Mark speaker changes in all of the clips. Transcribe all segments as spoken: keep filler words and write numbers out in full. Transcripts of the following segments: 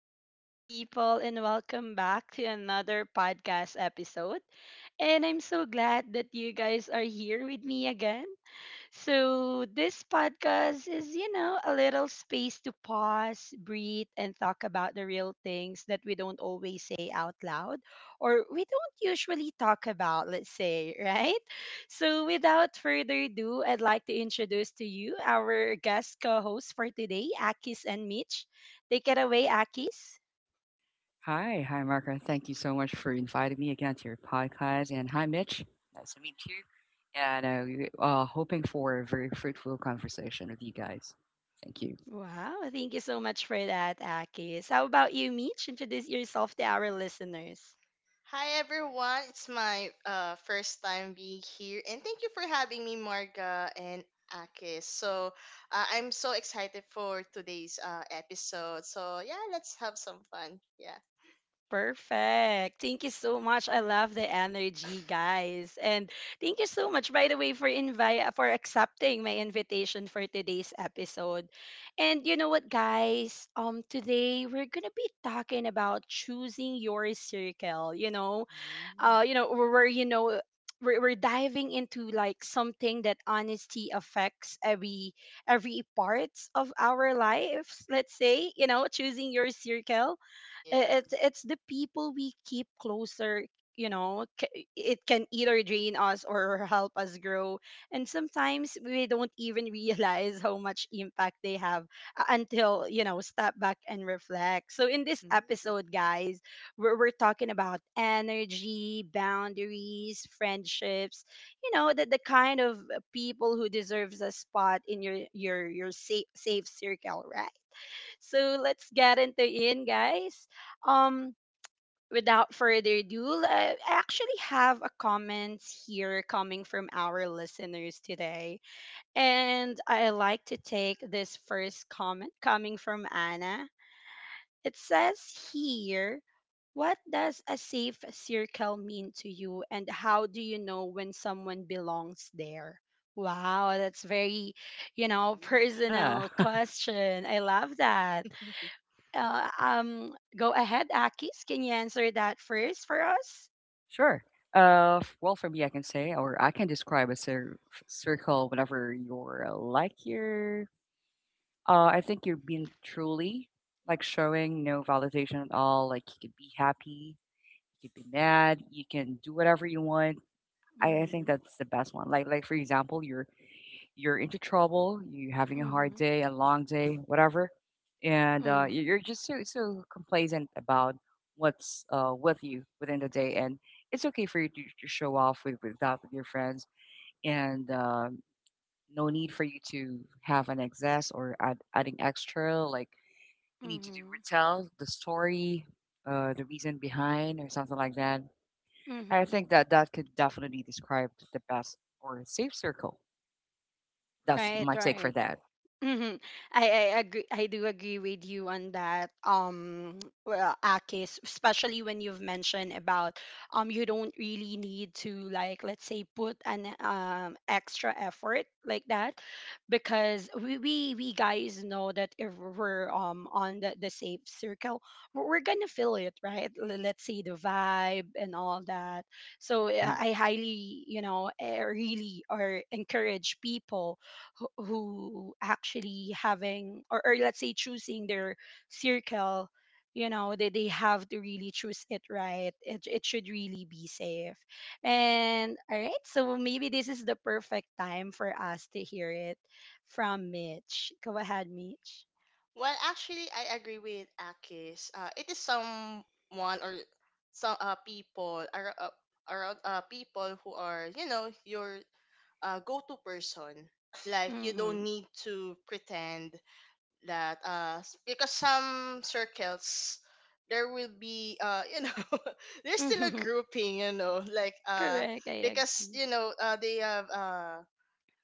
Speaker 1: beautiful people, and welcome back to another podcast episode. And I'm so glad that you guys are here with me again. So, this podcast is, you know, a little space to pause, breathe, and talk about the real things that we don't always say out loud or we don't usually talk about, let's say, right? So, without further ado, I'd like to introduce to you our guest co host for today, Akis and Mitch. Take it away, Akis.
Speaker 2: Hi, hi, Margaret. Thank you so much for inviting me again to your podcast. And hi, Mitch. Nice to meet you. And uh, we- uh, hoping for a very fruitful conversation with you guys. Thank you.
Speaker 1: Wow, thank you so much for that, Akis. How about you, Mitch? Introduce yourself to our listeners.
Speaker 3: Hi everyone, it's my uh, first time being here, and thank you for having me, Marga and Akis. So uh, I'm so excited for today's uh, episode. So yeah, let's have some fun. Yeah.
Speaker 1: Perfect. Thank you so much. I love the energy, guys. And thank you so much by the way for invite for accepting my invitation for today's episode. And you know what, guys? Um today we're going to be talking about choosing your circle, you know. Uh
Speaker 3: Mm,
Speaker 1: you know where where, you know we're, we're diving into, like, something that honesty affects every every parts of our lives, let's say, you know choosing your circle.
Speaker 3: yeah.
Speaker 1: I-
Speaker 2: Mhm.
Speaker 1: it's it's the people we keep closer. You know c- it can either drain us or help us grow, and sometimes we don't even realize how much impact they have, uh, until you know step back and reflect. So, in this
Speaker 3: mm,
Speaker 1: episode,
Speaker 3: mm,
Speaker 1: guys, we're, we're talking about energy, boundaries, friendships. You know the, the kind of people who deserves a spot in your your your safe, safe circle, right? So let's get into it, guys. Um, Without further ado, I I actually have a comments here coming from our listeners today, and I like to take this first comment coming from Anna. It says here. What does a safe circle mean to you, and how do you know when someone belongs there? Wow, that's very, you know,
Speaker 2: Yeah,
Speaker 1: personal question. I love that. Uh, um, go ahead, Akis. Can you answer that first for us?
Speaker 2: sure. Uh, f- well, for me, I can say, or I can describe a cir- f- circle whenever you're uh, like you're. Uh, I think you're being truly, like, showing no validation at all. Like, you could be happy, you could be mad, you can do whatever you want. I, I
Speaker 1: Mm-hmm,
Speaker 2: think that's the best one. Like like, for example, you're you're into trouble, you're having a hard
Speaker 1: mm-hmm,
Speaker 2: day, a long day, whatever, and uh,
Speaker 1: mm-hmm,
Speaker 2: you- you're just so so complacent about what's uh, with you within the day, and it's okay for you to, to show off with, with that with your friends, and um, no need for you to have an excess or add, adding extra. Like, you need to do
Speaker 1: mm-hmm,
Speaker 2: retell the story, uh, the reason behind, or something like that. I
Speaker 1: mm-hmm.
Speaker 2: think that that could definitely describe the best or safe circle. That's
Speaker 1: Right,
Speaker 2: my take for
Speaker 1: right.
Speaker 2: that.
Speaker 1: Mhm. I, I agree. I do agree with you on that. Um, well, Akis, especially when you've mentioned about um, you don't really need to, like, let's say, put an um extra effort like that, because we we, we guys know that if we're um on the, the safe circle, we're we're gonna feel it, right? L- Let's say the vibe and all that. So yeah,
Speaker 2: Hmm.
Speaker 1: I highly, you know, eh, really or encourage people who who actually having, or, or let's say, choosing their circle. you know they, they have to really choose it, right? It, it should really be safe. And, all right, so maybe this is the perfect time for us to hear it from Mitch. Go ahead, Mitch.
Speaker 3: Well, actually, I agree with Akis. Uh, it is someone or some uh, people are uh, around uh, people who are, you know, your uh, go-to person. Like you
Speaker 1: Mm-hmm.
Speaker 3: don't need to pretend that uh s- because some circles there will be uh you know, there's still a
Speaker 1: Mm-hmm.
Speaker 3: grouping, you know, like uh
Speaker 1: Correct, I
Speaker 3: because
Speaker 1: agree.
Speaker 3: you know, uh, they have uh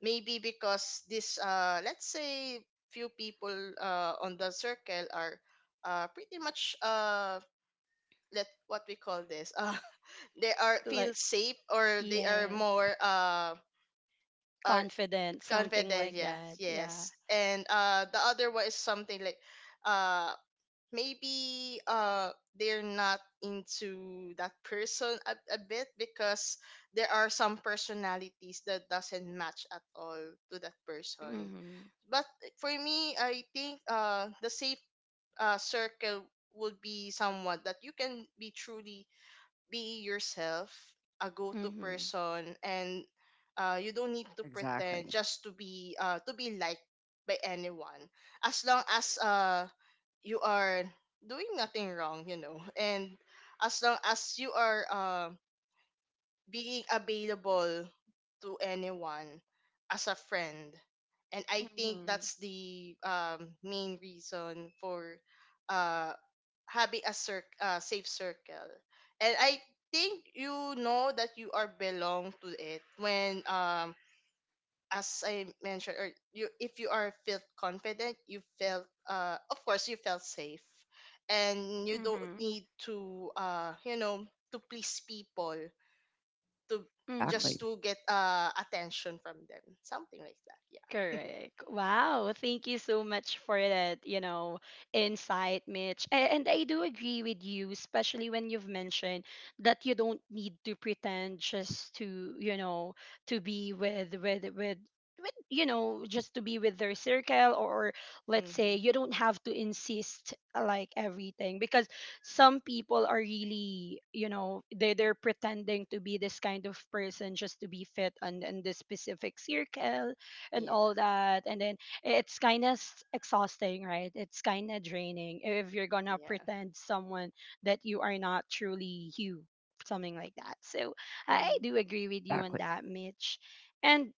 Speaker 3: maybe because this uh let's say few people uh on the circle are uh pretty much uh let what we call this uh they are feel
Speaker 1: Like,
Speaker 3: safe, or they are
Speaker 1: yes.
Speaker 3: more uh are
Speaker 1: Confident, something
Speaker 3: confident,
Speaker 1: like
Speaker 3: yes,
Speaker 1: that,
Speaker 3: yes,
Speaker 1: yeah.
Speaker 3: and uh the other one is something like uh maybe uh they're not into that person a, a bit because there are some personalities that doesn't match at all to that person.
Speaker 1: Mm-hmm.
Speaker 3: But for me, I think uh the safe uh, circle would be someone that you can be truly be yourself, a go-to
Speaker 1: Mm-hmm.
Speaker 3: person, and uh, you don't need to pretend
Speaker 2: Exactly.
Speaker 3: just to be uh, to be liked by anyone. As long as uh, you are doing nothing wrong, you know, and as long as you are uh, being available to anyone as a friend. And I think
Speaker 1: Mm-hmm.
Speaker 3: that's the um, main reason for uh, having a cir- uh, safe circle. And I think you know that you are belong to it when um as I mentioned, or you, if you are felt confident, you felt, uh of course, you felt safe, and you don't
Speaker 1: Mm-hmm.
Speaker 3: need to uh you know, to please people to
Speaker 1: Mm-hmm.
Speaker 3: just
Speaker 2: Exactly.
Speaker 3: to get uh attention from them. Something like that. Yeah.
Speaker 1: Correct. Wow. Thank you so much for that, you know, insight, Mitch. A- And I do agree with you, especially when you've mentioned that you don't need to pretend, just to, you know, to be with with with with you know, just to be with their circle, or let's say
Speaker 3: Mm-hmm.
Speaker 1: you don't have to insist, uh, like, everything. Because some people are really, you know, they they're pretending to be this kind of person just to be fit on in this specific circle and all
Speaker 3: Yeah.
Speaker 1: that. And then it's kind of exhausting, right? It's kind of draining if you're gonna
Speaker 3: Yeah.
Speaker 1: pretend someone that you are not truly you, something like that. So I
Speaker 3: Mm-hmm.
Speaker 1: do agree with you on
Speaker 2: Exactly.
Speaker 1: that, Mitch. And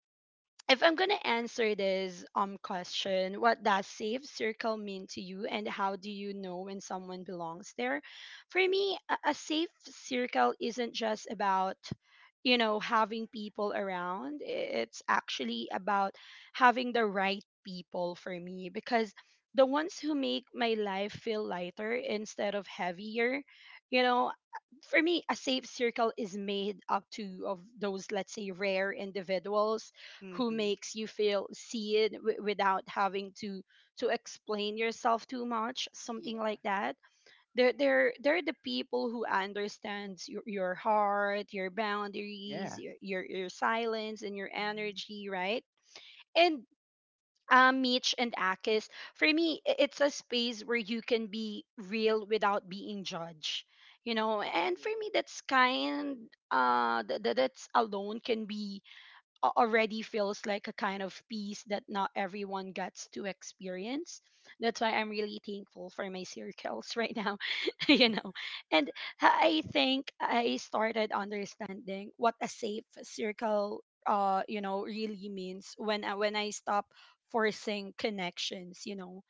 Speaker 1: if I'm gonna answer this um question, what does safe circle mean to you, and how do you know when someone belongs there? For me, a, a safe circle isn't just about you know having people around. It's actually about having the right people for me, because the ones who make my life feel lighter instead of heavier, you know, for me, a safe circle is made up to of those, let's say, rare individuals who
Speaker 3: Mm-hmm.
Speaker 1: makes you feel seen, w- without having to to explain yourself too much, something like
Speaker 3: Yeah.
Speaker 1: that. They're they're they're the people who understands your, your heart, your boundaries,
Speaker 2: Yeah.
Speaker 1: your, your your silence, and your
Speaker 3: Mm-hmm.
Speaker 1: energy, right? And, um, Mitch and Akis, for me, i- it's a space where you can be real without being judged, you know. And for
Speaker 3: Agree.
Speaker 1: me, that's kind. Uh, th- th- that's alone can be a- already feels like a kind of peace that not everyone gets to experience. That's why I'm really thankful for my circles right now, you
Speaker 2: Hmm.
Speaker 1: know. And I think I started understanding what a safe circle uh you know really means when I, when I stop forcing connections, you know.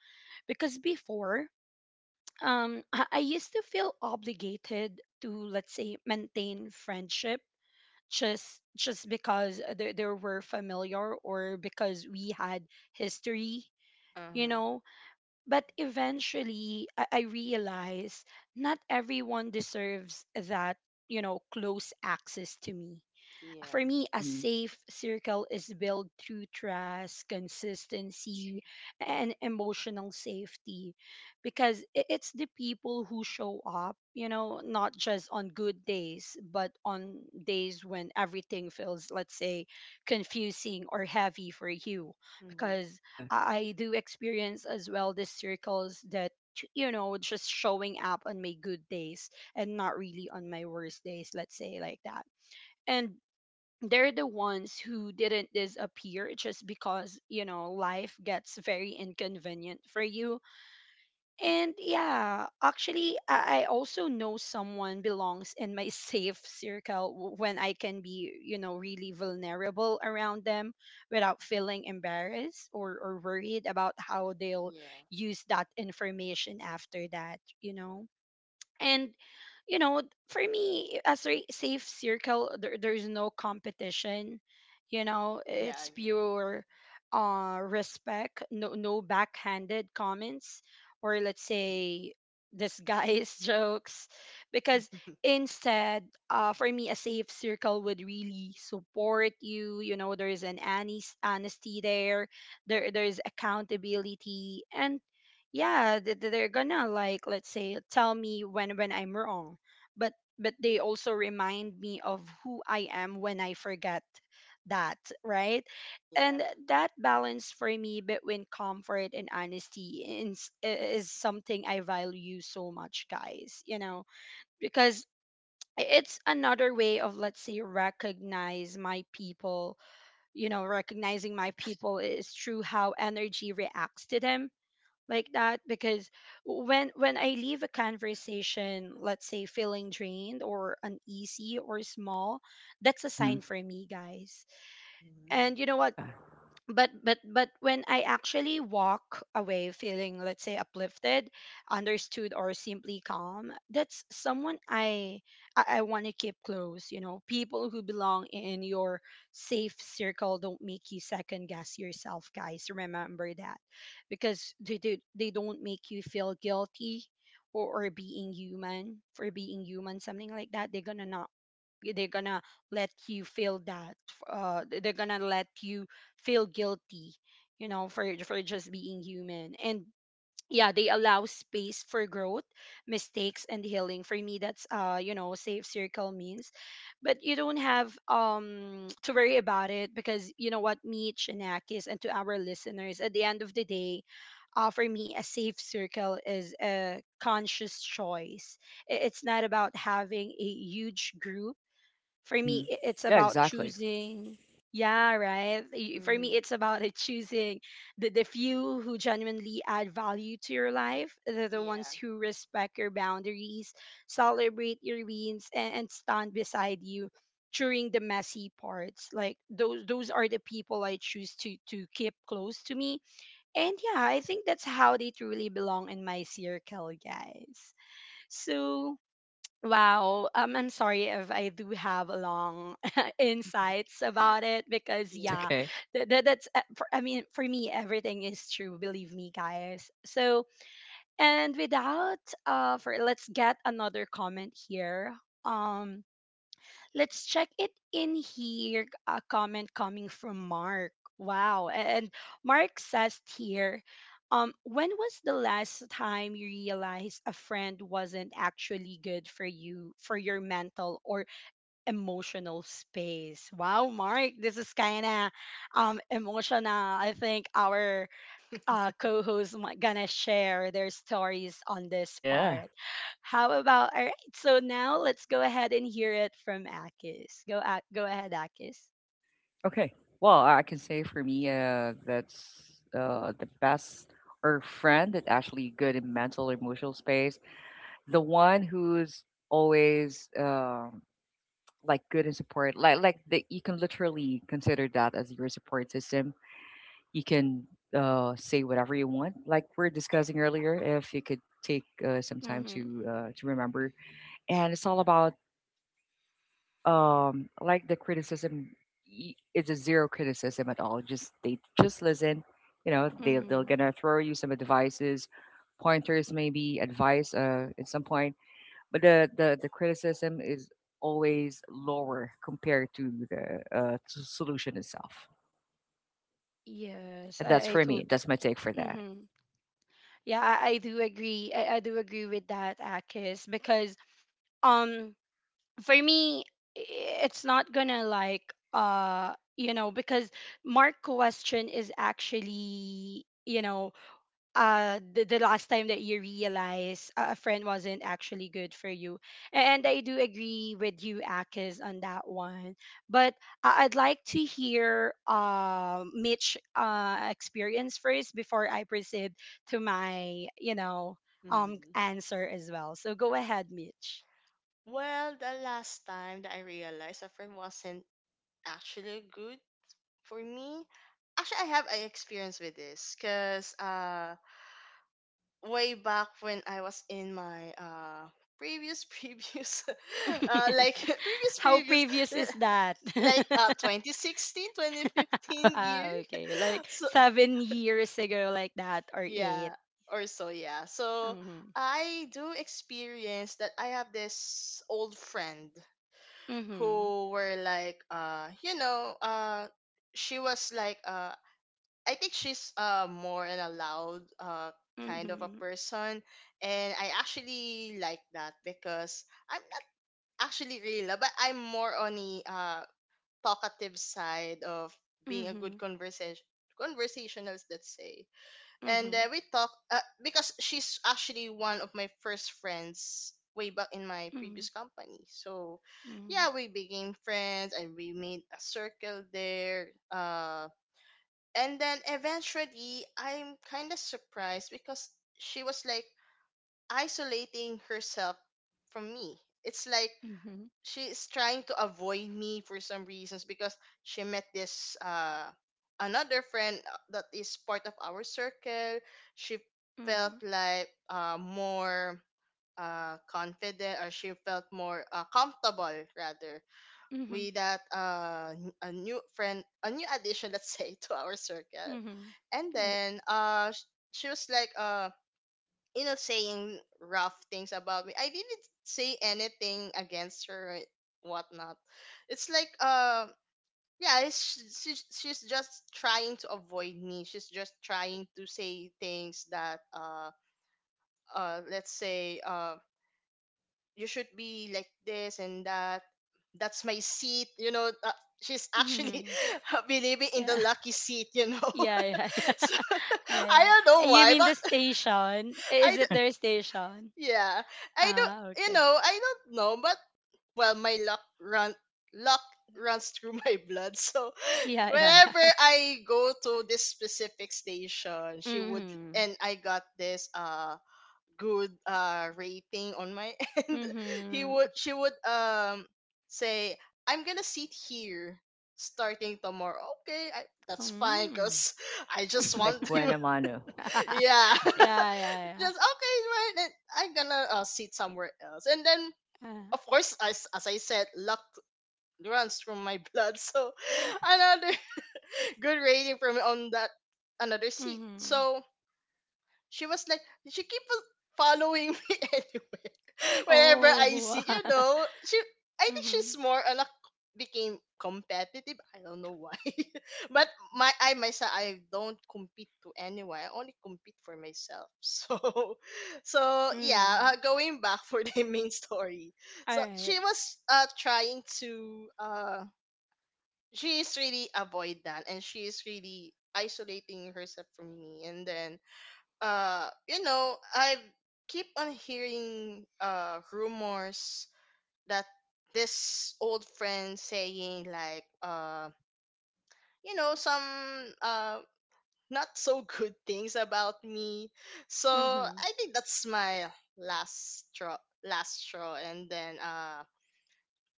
Speaker 1: Because before um I I used to feel obligated to, let's say, maintain friendship, just just because they, they were familiar, or because we had history. you
Speaker 3: Uh-huh.
Speaker 1: know but eventually I, I realized not everyone deserves that you know close access to me.
Speaker 3: Yeah.
Speaker 1: For me, a
Speaker 2: Hmm.
Speaker 1: safe circle is built through trust, consistency, and emotional safety. Because i- it's the people who show up, you know, not just on good days, but on days when everything feels, let's say, confusing or heavy for you.
Speaker 3: Mm-hmm.
Speaker 1: Because
Speaker 2: Uh-huh.
Speaker 1: I I do experience as well the circles that, you know, just showing up on my good days and not really on my worst days, let's say, like that. And they're the ones who didn't disappear just because you know life gets very inconvenient for you. And yeah, actually, i, I also know someone belongs in my safe circle w- when I can be, you know really vulnerable around them without feeling embarrassed, or, or worried about how they'll
Speaker 3: Yeah.
Speaker 1: use that information after that you know. And you know for me, as a safe circle, there, there's no competition. You know
Speaker 3: Yeah, I
Speaker 1: it's
Speaker 3: agree.
Speaker 1: pure uh respect. No no backhanded comments, or let's
Speaker 2: Hmm.
Speaker 1: say disguised jokes. Because instead, uh for me, a safe circle would really support you. You know there's an honest- honesty there. There there's accountability. And yeah, th- th- they're gonna, like, let's say, tell me when when I'm wrong. But but they also remind me of who I am when I forget that, right.
Speaker 3: Yeah.
Speaker 1: And that balance for me between comfort and honesty is, is something I value so much, guys, you know. Because it's another way of, let's say, recognize my people. You know recognizing my people is through how energy reacts to them, like that. Because when when I leave a conversation, let's say, feeling drained or uneasy or small, that's a
Speaker 2: Hmm.
Speaker 1: sign for me, guys.
Speaker 3: Mm.
Speaker 1: And you know what?
Speaker 2: Yeah.
Speaker 1: But but but when I actually walk away feeling, let's say, uplifted, understood, or simply calm, that's someone i i, I want to keep close. You know people who belong in your safe circle don't make you second guess yourself, guys. Remember that. Because they do, they don't make you feel guilty, or, or being human, for being human, something like that. They're gonna not, they're gonna let you feel that, uh they're gonna let you feel guilty, you know, for for just being human. And yeah, they allow space for growth, mistakes, and healing. For me, that's uh, you know, safe circle means. But you don't have um to worry about it, because you know what, me, Chinakis, and to our listeners, at the end of the day, uh, for me, a safe circle is a conscious choice. I- It's not about having a huge group. For
Speaker 2: Hmm.
Speaker 1: me, i- it's
Speaker 2: Yeah,
Speaker 1: about
Speaker 2: exactly.
Speaker 1: choosing. Yeah, right. Y- for me,
Speaker 3: Mm-hmm.
Speaker 1: it's about, uh, choosing the, the few who genuinely add value to your life, the, the ones
Speaker 3: Yeah.
Speaker 1: who respect your boundaries, celebrate your wins, and, and stand beside you during the messy parts. Like those those are the people I choose to to keep close to me. And yeah, I think that's how they truly belong in my circle, guys. So, wow. Um, I'm sorry if I do have long insights about it, because
Speaker 2: It's
Speaker 3: Yeah.
Speaker 1: yeah,
Speaker 2: okay.
Speaker 1: that, that that's uh, for, I mean, for me, everything is true. Believe me, guys. So, and without uh, for let's get another comment here. Um, Let's check it in here. A comment coming from Mark. Wow. And Mark says here, um, when was the last time you realized a friend wasn't actually good for you, for your mental or emotional space? Wow, Mark, this is kind of um, emotional. I think our uh, co-hosts mi- gonna share their stories on this
Speaker 2: Yeah.
Speaker 1: part. How about All right? So now let's go ahead and hear it from Akis. Go a- go ahead, Akis.
Speaker 2: Okay. Well, I can say for me, uh, that's uh, the best or friend that actually good in mental emotional space. The one who's always um like good and support, like like that, you can literally consider that as your support system. You can uh say whatever you want, like we are discussing earlier, if you could take uh, some time
Speaker 1: Mm-hmm.
Speaker 2: to uh to remember. And it's all about um like the criticism. Y- it's a zero criticism at all, just they just listen. You know, they, they're
Speaker 1: Mm-hmm.
Speaker 2: gonna throw you some advices, pointers, maybe advice uh at some point, but the the the criticism is always lower compared to the uh, s- solution itself.
Speaker 1: Yes,
Speaker 2: And that's
Speaker 1: I, I
Speaker 2: for
Speaker 1: tot
Speaker 2: me. That's my take for that.
Speaker 1: Mm-hmm. Yeah, I, I do agree. I, I do agree with that, Akis, because um for me, i- it's not gonna like uh you know because Mark question is actually, you know uh the, the last time that you realize a a friend wasn't actually good for you. And I do agree with you, Akis, on that one, but I- I'd like to hear uh, Mitch uh experience first before I proceed to my, you know um
Speaker 3: Mm-hmm.
Speaker 1: answer as well, so go ahead, Mitch.
Speaker 3: Well, the last time that I realized a friend wasn't actually good for me, actually, I have an experience with this because uh, way back when I was in my uh previous previous uh like previous
Speaker 1: How
Speaker 3: previous
Speaker 1: previous is
Speaker 3: l-
Speaker 1: that?
Speaker 3: like uh twenty sixteen twenty fifteen
Speaker 1: Ah,
Speaker 3: year.
Speaker 1: okay, like
Speaker 3: So
Speaker 1: seven years ago, like that, or eight?
Speaker 3: yeah, or so, yeah. So
Speaker 1: Mm-hmm.
Speaker 3: I do experience that I have this old friend
Speaker 1: Mhm.
Speaker 3: who were like, uh you know, uh she was like, uh I think she's uh more an a loud uh kind of a
Speaker 1: Mhm.
Speaker 3: person, and I actually like that because I'm not actually real, but I'm more on the uh talkative side of being a good
Speaker 1: Mhm.
Speaker 3: conversation conversationalist, let's say. And
Speaker 1: Mhm.
Speaker 3: uh, we talk, uh, because she's actually one of my first friends way back in my
Speaker 1: Mhm.
Speaker 3: previous company. So
Speaker 1: Mhm.
Speaker 3: yeah, we became friends and we made a circle there. uh and then eventually, I'm kind of surprised because she was like isolating herself from me. It's like
Speaker 1: Mhm.
Speaker 3: she's trying to avoid me for some reasons because she met this uh another friend, uh, that is part of our circle. She felt
Speaker 1: Mhm.
Speaker 3: like, uh more uh confident, or she felt more uh, comfortable rather
Speaker 1: Mhm.
Speaker 3: with that uh n- a new friend, a new addition, let's say, to our circle.
Speaker 1: Mhm.
Speaker 3: And
Speaker 1: Right.
Speaker 3: then uh sh- she was like, uh you know, saying rough things about me. I didn't say anything against her or whatnot. It's like, uh yeah, it's, she, she's just trying to avoid me. She's just trying to say things that uh uh let's say, uh you should be like this and that. That's my seat, you know. Uh, she's actually
Speaker 1: Mhm.
Speaker 3: believing in the
Speaker 1: Yeah.
Speaker 3: lucky seat, you know.
Speaker 1: Yeah, yeah, yeah.
Speaker 3: So
Speaker 1: Yeah,
Speaker 3: I
Speaker 1: yeah.
Speaker 3: don't
Speaker 1: Eh,
Speaker 3: know
Speaker 1: you
Speaker 3: why,
Speaker 1: mean
Speaker 3: but
Speaker 1: the station? Eh,
Speaker 3: I
Speaker 1: is it their station?
Speaker 3: Yeah. I don't,
Speaker 1: Ah,
Speaker 3: you
Speaker 1: okay.
Speaker 3: know, I don't know, but well my luck run luck
Speaker 1: Okay.
Speaker 3: runs through my blood. So
Speaker 1: Yeah, yeah,
Speaker 3: whenever
Speaker 1: yeah.
Speaker 3: I go to this specific station, she would,
Speaker 1: Mhm.
Speaker 3: and I got this uh good uh rating on my end. He
Speaker 1: Mhm.
Speaker 3: would she would um say, "I'm going to sit here starting tomorrow." Okay, I, that's fine
Speaker 1: Mm.
Speaker 3: cuz I just want
Speaker 2: Like
Speaker 3: to
Speaker 2: buena mano.
Speaker 3: yeah.
Speaker 1: Yeah, yeah,
Speaker 3: Just okay, right? Then I'm gonna uh, sit somewhere else. And then,
Speaker 1: yeah. Uh,
Speaker 3: of course, as as I said, luck runs through my blood. So another good rating from on that another seat.
Speaker 1: mhm.
Speaker 3: So she was like, she keep on following me anywhere. Whenever I
Speaker 1: Oh.
Speaker 3: see, you know, she I think
Speaker 1: Mhm.
Speaker 3: she's more a lot became competitive, I don't know why, but my I myself, I don't compete to anyone, I only compete for myself. So so yeah,
Speaker 1: Mhm.
Speaker 3: uh, going back for the main story.
Speaker 1: All
Speaker 3: So
Speaker 1: right.
Speaker 3: she was uh trying to uh she is really avoidant and she is really isolating herself from me. And then uh you know, I keep on hearing uh rumors that this old friend saying like, uh you know, some uh not so good things about me. So
Speaker 1: Mhm.
Speaker 3: I think that's my last straw last straw. And then uh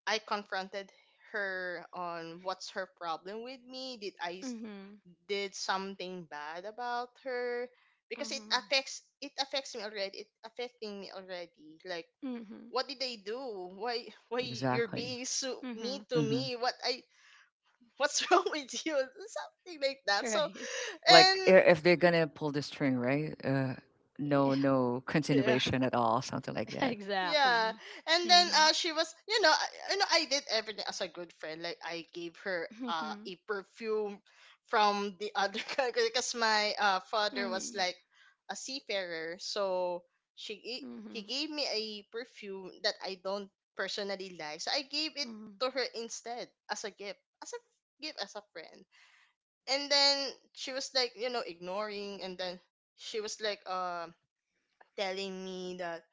Speaker 3: I confronted her on what's her problem with me. Did I s-
Speaker 1: Mm-hmm.
Speaker 3: did something bad about her? Because it
Speaker 1: Mm-hmm.
Speaker 3: affects it affects me already. It affecting me already. Like
Speaker 1: Mm-hmm.
Speaker 3: what did I do? Why why you're
Speaker 2: Exactly.
Speaker 3: being so
Speaker 1: Mm-hmm.
Speaker 3: mean to
Speaker 2: Hmm.
Speaker 3: me? What I what's wrong with you? Something like that. So
Speaker 1: Right.
Speaker 2: Like i-
Speaker 3: and
Speaker 2: if they're gonna pull the string, right? Uh,
Speaker 1: Yeah,
Speaker 2: no, no
Speaker 3: yeah.
Speaker 2: continuation at all, something like that.
Speaker 3: Yeah,
Speaker 1: exactly.
Speaker 3: and then
Speaker 1: Mm-hmm.
Speaker 3: uh, she was, you know, I, you know, I did everything as a good friend. Like I gave her uh
Speaker 1: Mm-hmm.
Speaker 3: a perfume from the other country because my uh father was
Speaker 1: Mm-hmm.
Speaker 3: like a seafarer, so she gi- he
Speaker 1: Mm-hmm.
Speaker 3: gave me a perfume that I don't personally like, so I gave it
Speaker 1: Mm-hmm.
Speaker 3: to her instead as a gift, as a gift as a friend. And then she was like, you know, ignoring, and then she was like, uh telling me that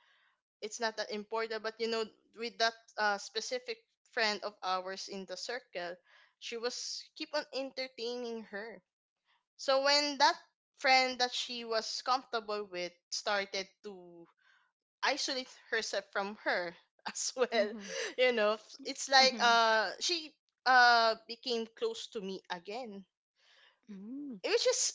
Speaker 3: it's not that important, but you know, with that uh, specific friend of ours in the circle, she was keep on entertaining her. So when that friend that she was comfortable with started to isolate herself from her as well,
Speaker 1: Mm-hmm.
Speaker 3: you know, it's like,
Speaker 1: Mm-hmm.
Speaker 3: uh she uh became close to me again.
Speaker 1: Mm-hmm.
Speaker 3: It was just,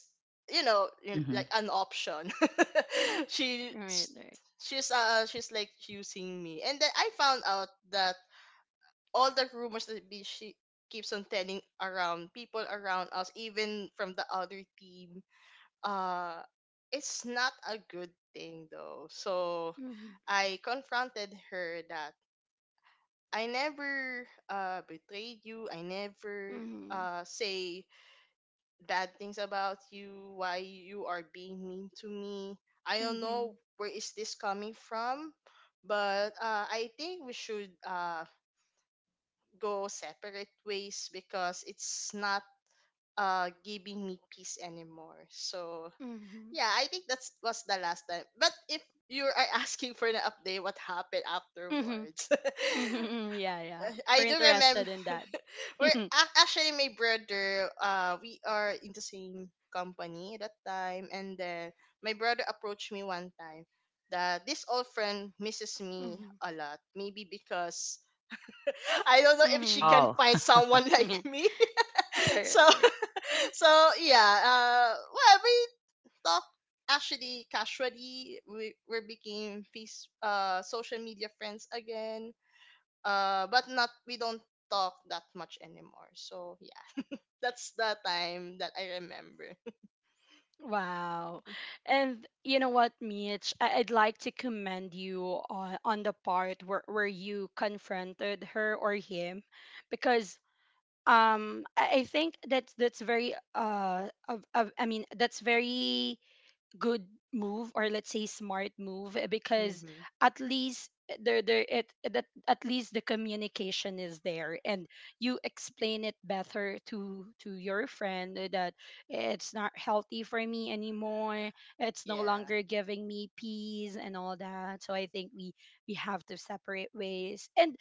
Speaker 3: you know, you-
Speaker 2: Hmm.
Speaker 3: like an option. she
Speaker 1: Right,
Speaker 3: s-
Speaker 1: right.
Speaker 3: she's uh she's like using me. And then I found out that all the rumors that be she keeps on telling around people around us, even from the other team, uh it's not a good thing though. So
Speaker 1: Mm-hmm.
Speaker 3: I confronted her that I never uh betrayed you, I never
Speaker 1: Mm-hmm.
Speaker 3: uh say bad things about you, why you are being mean to me. I don't know
Speaker 1: Mm-hmm.
Speaker 3: where is this coming from, but uh, I think we should uh, go separate ways because it's not uh, giving me peace anymore. So
Speaker 1: Mm-hmm.
Speaker 3: yeah, I think that's was the last time. But if you are asking for an update, what happened
Speaker 1: Mm-hmm.
Speaker 3: afterwards?
Speaker 1: Mm-hmm. Yeah, yeah.
Speaker 3: I
Speaker 1: We're
Speaker 3: do
Speaker 1: interested
Speaker 3: remember.
Speaker 1: in that.
Speaker 3: We're ac- actually my brother. Uh, we are in the same company at that time, and then my brother approached me one time that this old friend misses me
Speaker 1: Mm-hmm.
Speaker 3: a lot. Maybe because I don't know if she
Speaker 1: Mm-hmm.
Speaker 3: can
Speaker 2: Oh,
Speaker 3: find someone like me.
Speaker 1: Correct,
Speaker 3: So
Speaker 1: correct.
Speaker 3: so yeah. Uh, well, we talk actually casually. We we became face uh social media friends again. Uh, but not we don't talk that much anymore. So yeah. That's the time that I remember.
Speaker 1: Wow. And you know what, Mitch? I- I'd like to commend you on, on the part where, where you confronted her or him, because um I I think that's that's very uh of, of I mean, that's very good move, or let's say smart move, eh, because
Speaker 3: Mm-hmm.
Speaker 1: at least there there it that at least the communication is there, and you explain it better to to your friend, eh, that it's not healthy for me anymore, it's no
Speaker 3: Yeah.
Speaker 1: longer giving me peace and all that, so I think we we have to separate ways. And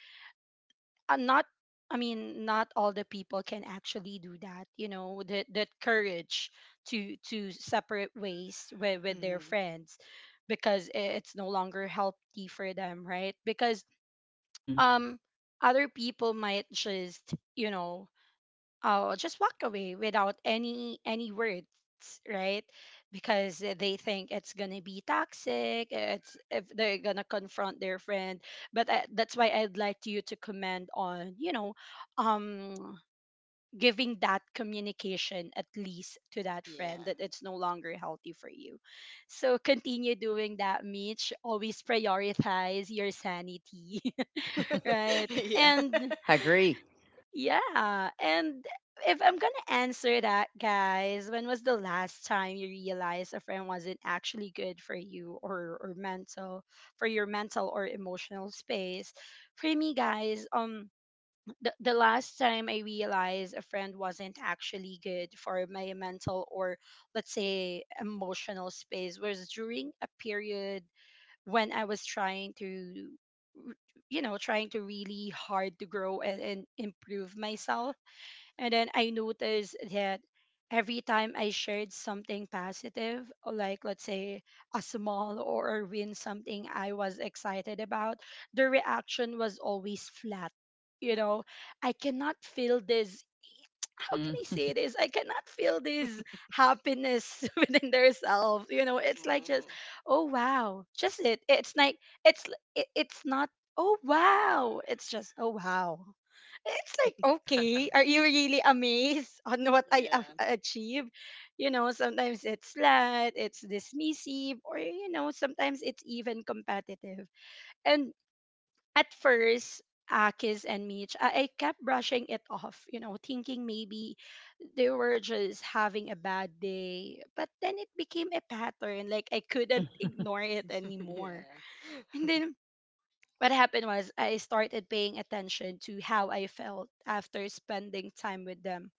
Speaker 1: uh, not, I mean, not all the people can actually do that, you know, that that courage to to separate ways with, with their
Speaker 3: Mm-hmm.
Speaker 1: friends because i- it's no longer healthy for them, right? Because
Speaker 2: mhm.
Speaker 1: um other people might just, you know, oh, just walk away without any any words, right? Because they think it's gonna be toxic, it's if they're gonna confront their friend. But I, that's why I'd like you to comment on, you know, um giving that communication at least to that friend,
Speaker 3: Yeah.
Speaker 1: that it's no longer healthy for you. So continue doing that, Mitch, always prioritize your sanity. Right?
Speaker 3: yeah.
Speaker 1: And
Speaker 2: I agree.
Speaker 1: yeah, and if I'm gonna answer that, guys, when was the last time you realized a friend wasn't actually good for you, or or mental for your mental or emotional space? For me, guys, um, the, the last time I realized a friend wasn't actually good for my mental or, let's say, emotional space was during a period when I was trying to. You know, trying to really hard to grow and, and improve myself, and then I noticed that every time I shared something positive, like let's say a small or a win, something I was excited about, the reaction was always flat. You know, I cannot feel this, how can
Speaker 2: Mhm.
Speaker 1: I say this? I cannot feel this happiness within themselves. You know, it's like just,
Speaker 3: Mm-hmm.
Speaker 1: oh, wow, just it. It's like it's l- it, it's not. Oh, wow, it's just, oh, wow. It's like, okay, are you really amazed on what I have
Speaker 3: Yeah.
Speaker 1: achieved? You know, sometimes it's slight, it's dismissive, or, you know, sometimes it's even competitive. And at first, Akis and Mitch, I, I kept brushing it off, you know, thinking maybe they were just having a bad day. But then it became a pattern. Like I couldn't ignore it anymore.
Speaker 3: yeah.
Speaker 1: And then what happened was I started paying attention to how I felt after spending time with them.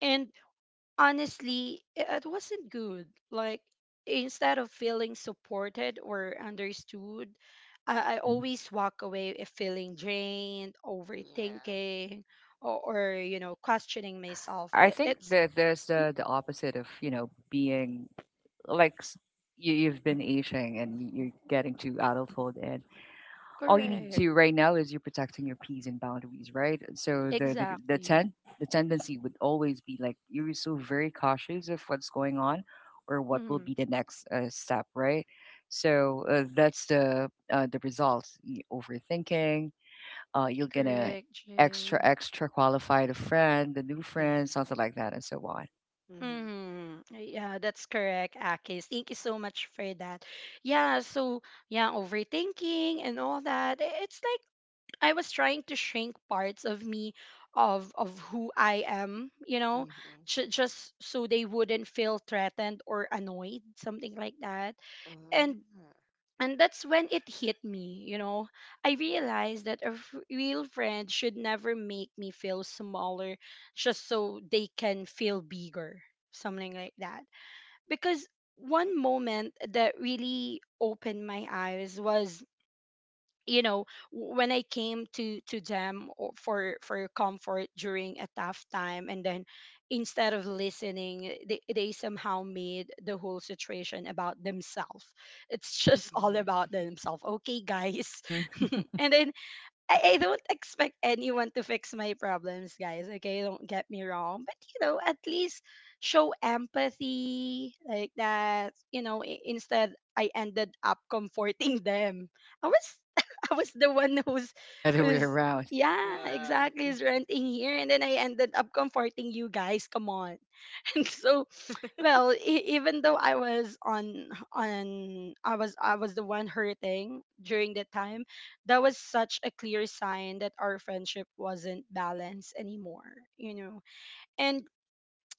Speaker 1: And honestly, i- it wasn't good. Like, instead of feeling supported or understood, I, I
Speaker 2: Mhm.
Speaker 1: always walk away if feeling drained,
Speaker 3: Yeah.
Speaker 1: overthinking, or, or you know, questioning myself. I-
Speaker 2: I think
Speaker 1: it's
Speaker 2: that there's the the opposite of, you know, being like s- you, you've been aging, and you- you're getting to adulthood, and all you need
Speaker 1: Correct.
Speaker 2: to right now is you're protecting your peas and boundaries, right?
Speaker 3: Yeah.
Speaker 2: So the the the
Speaker 1: Exactly.
Speaker 2: ten the tendency would always be like you're so very cautious of what's going on, or what will be
Speaker 1: Mm,
Speaker 2: the next uh, step, right? So uh, that's the uh, the result. y- Overthinking, uh, you're gonna
Speaker 1: correct,
Speaker 2: extra
Speaker 1: Jay.
Speaker 2: extra qualify the friend, the new friend,
Speaker 3: Mm-hmm.
Speaker 2: something like that, and so on.
Speaker 3: Mhm.
Speaker 1: Mm, yeah, that's correct, Akis. Thank you so much for that. Yeah, so yeah, overthinking and all that. i- It's like I was trying to shrink parts of me of of who I am, you know,
Speaker 3: Mhm.
Speaker 1: ju- just so they wouldn't feel threatened or annoyed, something like that.
Speaker 3: Oh.
Speaker 1: And and that's when it hit me, you know. I realized that a f- real friend should never make me feel smaller just so they can feel bigger, something like that. Because one moment that really opened my eyes was, you know, w- when I came to to them or for for comfort during a tough time, and then instead of listening, they, they somehow made the whole situation about themselves. It's just all
Speaker 3: Mhm.
Speaker 1: about themselves, okay, guys.
Speaker 2: Mm-hmm.
Speaker 1: And i I, I don't expect anyone to fix my problems, guys. Okay, don't get me wrong. But, you know, at least show empathy like that. You know, i- instead I ended up comforting them. I was I was the one who's
Speaker 2: It's the other way
Speaker 1: who's
Speaker 2: around.
Speaker 1: yeah,
Speaker 3: Wow.
Speaker 1: exactly is renting here, and then I ended up comforting you guys. Come on. And so, well, e- even though I was on on I was I was the one hurting during that time, that was such a clear sign that our friendship wasn't balanced anymore, you know. And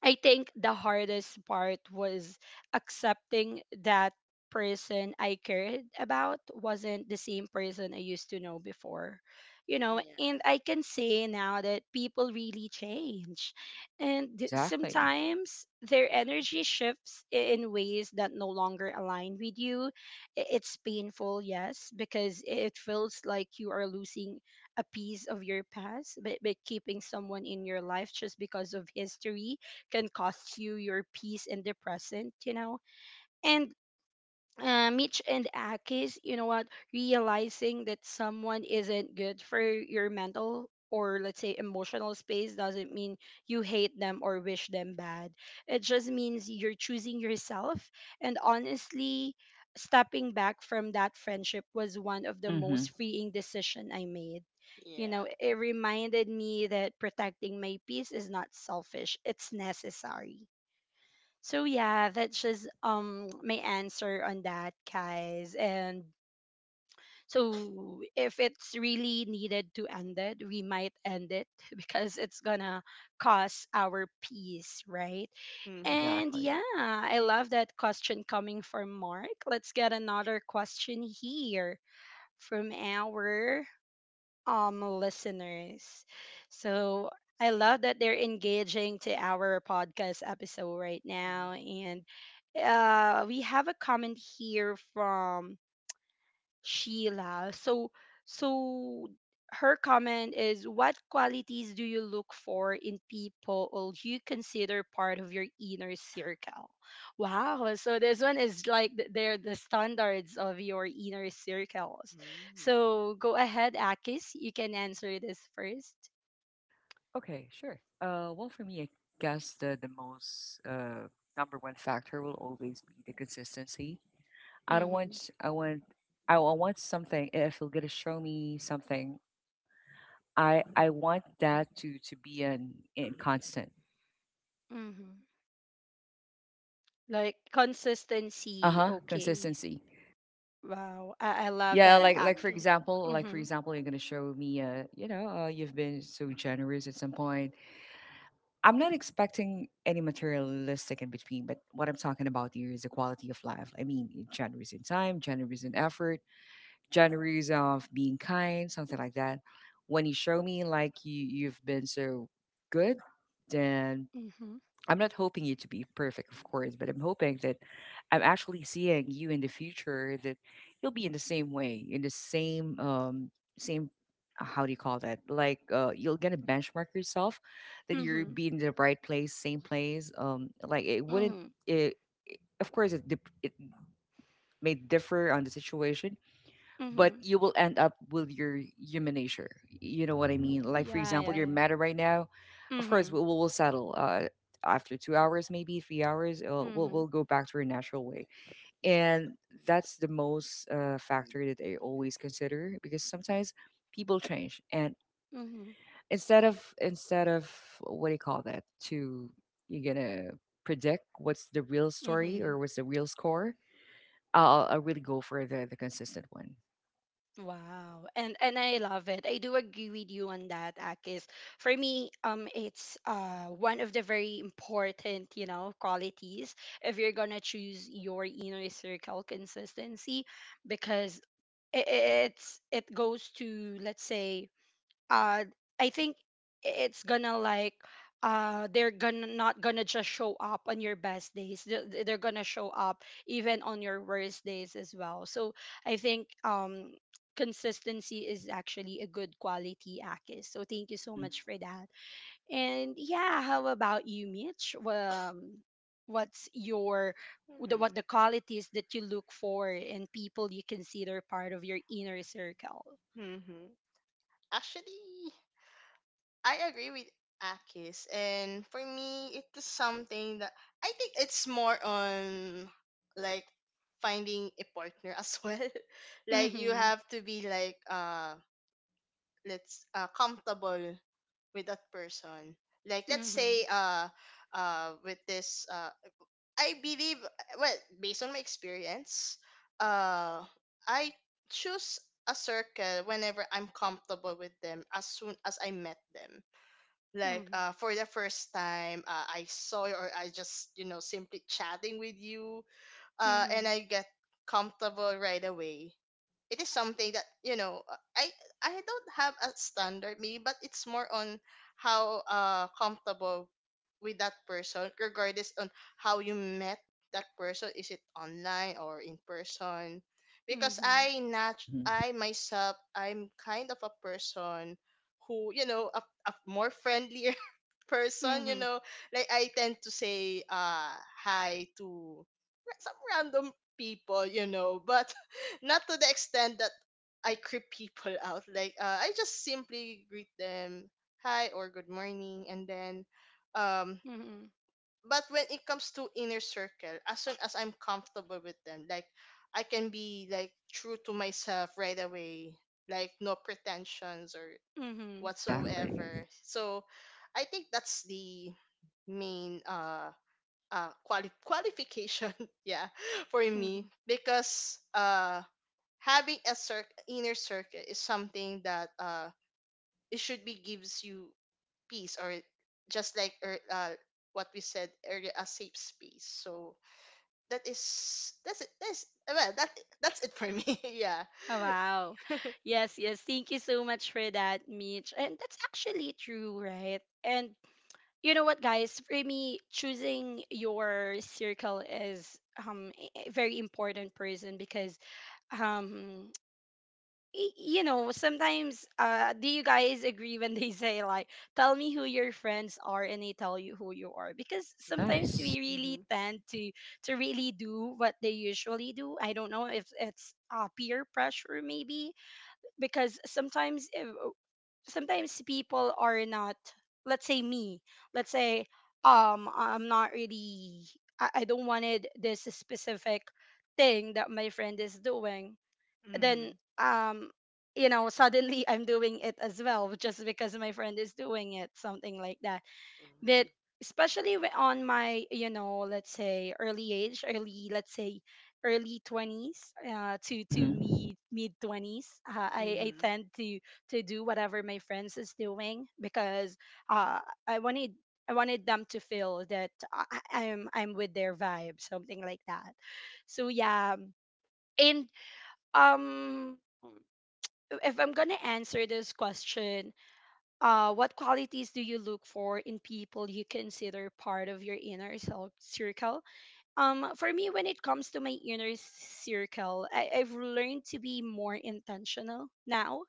Speaker 1: I think the hardest part was accepting that person I cared about wasn't the same person I used to know before. You know,
Speaker 3: Yeah.
Speaker 1: and I can say now that people really change. And th-
Speaker 2: Exactly.
Speaker 1: sometimes their
Speaker 3: Yeah.
Speaker 1: energy shifts i- in ways that no longer align with you. I- It's painful, yes, because it feels like you are losing a piece of your past, but, but keeping someone in your life just because of history can cost you your peace in the present, you know? And uh, Mitch and Akis, you know what, realizing that someone isn't good for your mental, or, let's say, emotional space doesn't mean you hate them or wish them bad. It just means you're choosing yourself. And honestly, stepping back from that friendship was one of the
Speaker 2: Mm-hmm.
Speaker 1: most freeing decision I made. You know,
Speaker 3: Yeah.
Speaker 1: it reminded me that protecting my peace is not selfish, it's necessary. So yeah, that's just um my answer on that, guys. And so if it's really needed to end it, we might end it because it's gonna cost our peace, right?
Speaker 3: Mhm.
Speaker 1: And
Speaker 2: Exactly.
Speaker 1: yeah, I love that question coming from Mark. Let's get another question here from our um listeners. So I love that they're engaging to our podcast episode right now,
Speaker 3: Mhm.
Speaker 1: and uh we have a comment here from Sheila. So so her comment is what qualities do you look for in people you consider part of your inner circle? Wow, so this one is like th- they're the standards of your inner circles. So go ahead, Akis, you can answer this first.
Speaker 2: Okay, sure. Uh, well, for me, I guess the the most uh, number one factor will always be the consistency. I don't
Speaker 1: Mm-hmm.
Speaker 2: want. I want. I, I want something. If you're gonna show me something, I I want that to to be an in constant.
Speaker 1: Mm-hmm. Like
Speaker 2: Uh
Speaker 1: consistency,
Speaker 2: huh.
Speaker 1: okay.
Speaker 2: Consistency.
Speaker 1: Wow, I, I love
Speaker 2: Yeah,
Speaker 1: that,
Speaker 2: like like for
Speaker 1: Akis.
Speaker 2: example, like for
Speaker 1: Mm-hmm.
Speaker 2: example, you're gonna show me, uh, you know, uh, you've been so generous at some point. I'm not expecting any materialistic in between, but what I'm talking about here is the quality of life. I mean, you're generous in time, generous in effort, generous of being kind, something like that. When you show me like you you've been so good, then
Speaker 1: Mm-hmm.
Speaker 2: I'm not hoping you to be perfect, of course, but I'm hoping that I'm actually seeing you in the future, that you'll be in the same way, in the same um same uh, how do you call that? Like uh you'll gonna benchmark yourself that you're
Speaker 1: Mm-hmm.
Speaker 2: being in the right place, same place. Um like, it wouldn't, it, it- of course it dep it may differ on the situation, but
Speaker 1: Mm-hmm.
Speaker 2: you will end up with your human nature. You know what I mean? Like, for
Speaker 1: Yeah,
Speaker 2: example,
Speaker 1: yeah,
Speaker 2: you're
Speaker 1: yeah.
Speaker 2: mad right now. Of course,
Speaker 1: Mhm.
Speaker 2: we'll, we'll settle uh, after two hours, maybe three hours. uh, We'll,
Speaker 1: Mhm.
Speaker 2: we'll go back to our natural way. And that's the most uh, factor that I always consider because sometimes people change. And
Speaker 1: Mhm.
Speaker 2: instead of, instead of what do you call that? To, you're going to predict what's the real story
Speaker 1: Mhm.
Speaker 2: or what's the real score. I'll, I'll really go for the, the consistent one.
Speaker 1: Wow. And and I love it. I do agree with you on that, Akis. For me, um it's uh one of the very important, you know, qualities if you're going to choose your inner circle, consistency, because it, it's it goes to, let's say, uh I think it's gonna like uh they're gonna not gonna just show up on your best days, they they're gonna show up even on your worst days as well. So I think, um consistency is actually a good quality, Akis, so thank you so
Speaker 2: Hmm.
Speaker 1: much for that. And yeah, how about you, Mitch? um, what's your the,
Speaker 3: Mhm.
Speaker 1: what the qualities that you look for in people you consider part of your inner circle?
Speaker 3: Mhm. Actually, I agree with Akis, and for me, it is something that I think it's more on like finding a partner as well. Like you
Speaker 1: Mm-hmm.
Speaker 3: have to be like, uh let's uh comfortable with that person. Like let's
Speaker 1: Mm-hmm.
Speaker 3: say, uh uh with this uh I believe, well, based on my experience, uh I choose a circle whenever I'm comfortable with them as soon as I met them. Like
Speaker 1: Mm-hmm.
Speaker 3: uh for the first time, uh, I saw you or I just, you know, simply chatting with you, uh and
Speaker 1: Mhm.
Speaker 3: I get comfortable right away. It is something that, you know, uh, i I don't have a standard maybe, but it's more on how uh comfortable with that person regardless on how you met that person, is it online or in person? Because
Speaker 1: Mhm.
Speaker 3: i nat
Speaker 2: Hmm.
Speaker 3: I myself, I'm kind of a person who, you know, a, a more friendly person, you
Speaker 1: Mhm.
Speaker 3: know. Like I tend to say uh hi to ra- some random people, you know, but not to the extent that I creep people out. Like, uh, I just simply greet them hi or good morning, and then um
Speaker 1: Mhm.
Speaker 3: but when it comes to inner circle, as soon as I'm comfortable with them, like I can be like true to myself right away, like no pretensions or
Speaker 1: Mhm.
Speaker 2: Exactly.
Speaker 3: whatsoever. So I think that's the main uh uh quali- qualification yeah for me
Speaker 1: Mhm.
Speaker 3: because uh having a cir- inner circle is something that uh it should be gives you peace or it- just like ear- uh what we said earlier, a safe space. So that is that's it that's well that that's it for me. Yeah.
Speaker 1: Oh, wow. Yes, yes. Thank you so much for that, Mitch. And that's actually true, right? And you know what, guys? For me, choosing your circle is um a a very important person because um y- you know, sometimes uh do you guys agree when they say like tell me who your friends are and they tell you who you are, because sometimes
Speaker 2: Yes.
Speaker 1: we really
Speaker 3: Mm-hmm.
Speaker 1: tend to to really do what they usually do. I don't know if it's, uh, peer pressure maybe, because sometimes if, sometimes people are not, let's say me, let's say, um I'm not really I, I don't wanted this specific thing that my friend is doing. Then
Speaker 3: Mm-hmm.
Speaker 1: um you know, suddenly I'm doing it as well just because my friend is doing it, something like that. But especially whe- on my, you know, let's say early age, early, let's say, early twenties, uh, to to
Speaker 2: Mhm.
Speaker 1: mid mid twenties, uh, I, I
Speaker 3: Mm-hmm.
Speaker 1: tend to to do whatever my friends is doing because, uh, I wanted I wanted them to feel that I, I- I'm I'm with their vibe, something like that. So yeah, and um if I'm gonna answer this question, uh, what qualities do you look for in people you consider part of your inner cel- circle? Um, for me, when it comes to my inner circle, I- I've learned to be more intentional now.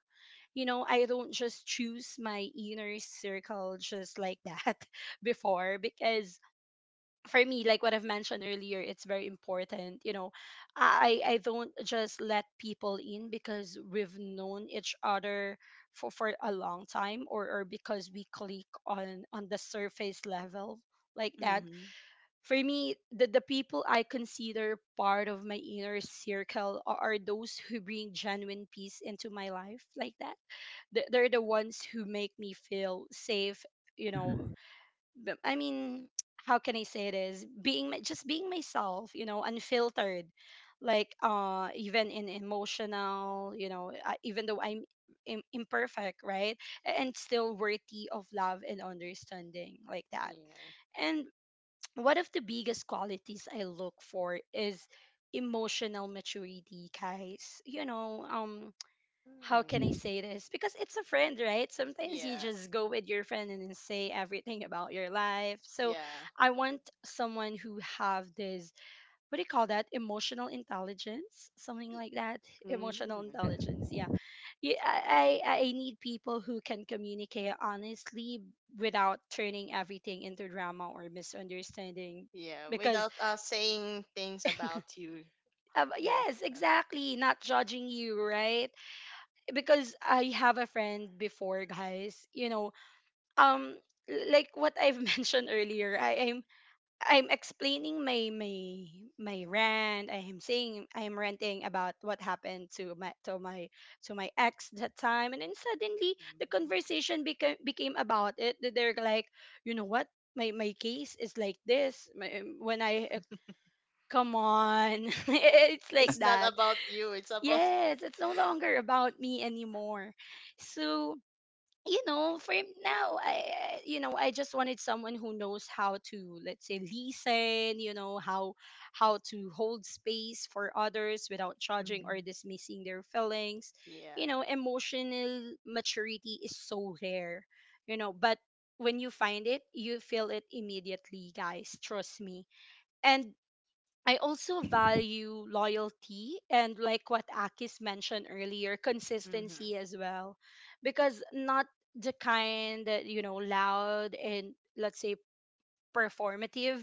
Speaker 1: You know, I don't just choose my inner circle just like that before, because for me, like what I've mentioned earlier, it's very important. You know, I I don't just let people in because we've known each other for for a long time, or or because we click on on the surface level like that.
Speaker 3: Mm-hmm.
Speaker 1: For me, the the people I consider part of my inner circle are, are those who bring genuine peace into my life like that. They- They're the ones who make me feel safe, you know.
Speaker 2: Mhm.
Speaker 1: b- I mean, how can I say it is being my- just being myself, you know, unfiltered. Like uh, even in emotional, you know, uh, even though I'm Im- imperfect, right, A- and still worthy of love and understanding, like that.
Speaker 3: Yeah.
Speaker 1: And one of the biggest qualities I look for is emotional maturity, guys. You know, um,
Speaker 3: Mm.
Speaker 1: how can I
Speaker 2: Mhm.
Speaker 1: say this? Because it's a friend, right? Sometimes you
Speaker 3: Yeah.
Speaker 1: just go with your friend and then say everything about your life. So
Speaker 3: Yeah.
Speaker 1: I want someone who have this, what do you call that? Emotional intelligence, something
Speaker 3: Y-
Speaker 1: like that. Emotional
Speaker 3: Mm.
Speaker 2: Yeah.
Speaker 1: intelligence, yeah. Yeah, I, I I need people who can communicate honestly without turning everything into drama or misunderstanding.
Speaker 3: Yeah.
Speaker 1: Because
Speaker 3: Without uh saying things about you.
Speaker 1: uh,
Speaker 3: Yeah.
Speaker 1: yes,
Speaker 3: Uh,
Speaker 1: exactly, not judging you, right? Because I have a friend before, guys. You know, um l- like what I've mentioned earlier, I am I'm explaining my my my rant. I am saying I am ranting about what happened to my to my to my ex that time, and then suddenly the
Speaker 3: Mm.
Speaker 1: conversation became became about it. That they're like, you know what, my my case is like this. My, um, when I uh, come on, it's like
Speaker 3: It's not
Speaker 1: that.
Speaker 3: about you. It's about.
Speaker 1: Yes, it's no longer about me anymore. So you know, for now, I, I- you know, I just wanted someone who knows how to, let's say, listen, you know, how how to hold space for others without judging or
Speaker 3: Hmm.
Speaker 1: dismissing their feelings. You
Speaker 3: Yeah.
Speaker 1: know, emotional maturity is so rare, you know, but when you find it, you feel it immediately, guys. Trust me. And I also
Speaker 2: Hey,
Speaker 1: value loyalty and like what Akis mentioned earlier, consistency
Speaker 3: Mm-hmm.
Speaker 1: as well. Because not the kind that, you know, loud and let's say performative,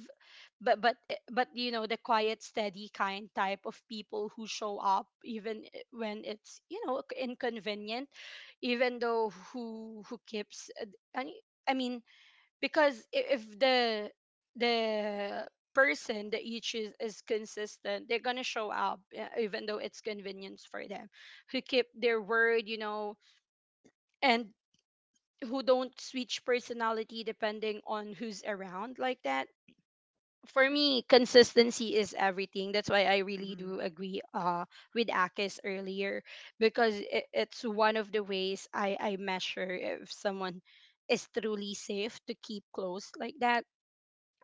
Speaker 1: but but eh, but you know, the quiet, steady kind type of people who show up even i- when it's, you know, inconvenient, even though who who keeps uh, d- I I mean, because i- if the the person that you choose is consistent, they're going to show up, uh, even though it's convenience for them, who keep their word, you know, and who don't switch personality depending on who's around, like that. For me, consistency is everything. That's why I really
Speaker 3: Mm-hmm.
Speaker 1: do agree, uh, with Akis earlier, because it, it's one of the ways I, I measure if someone is truly safe to keep close, like that.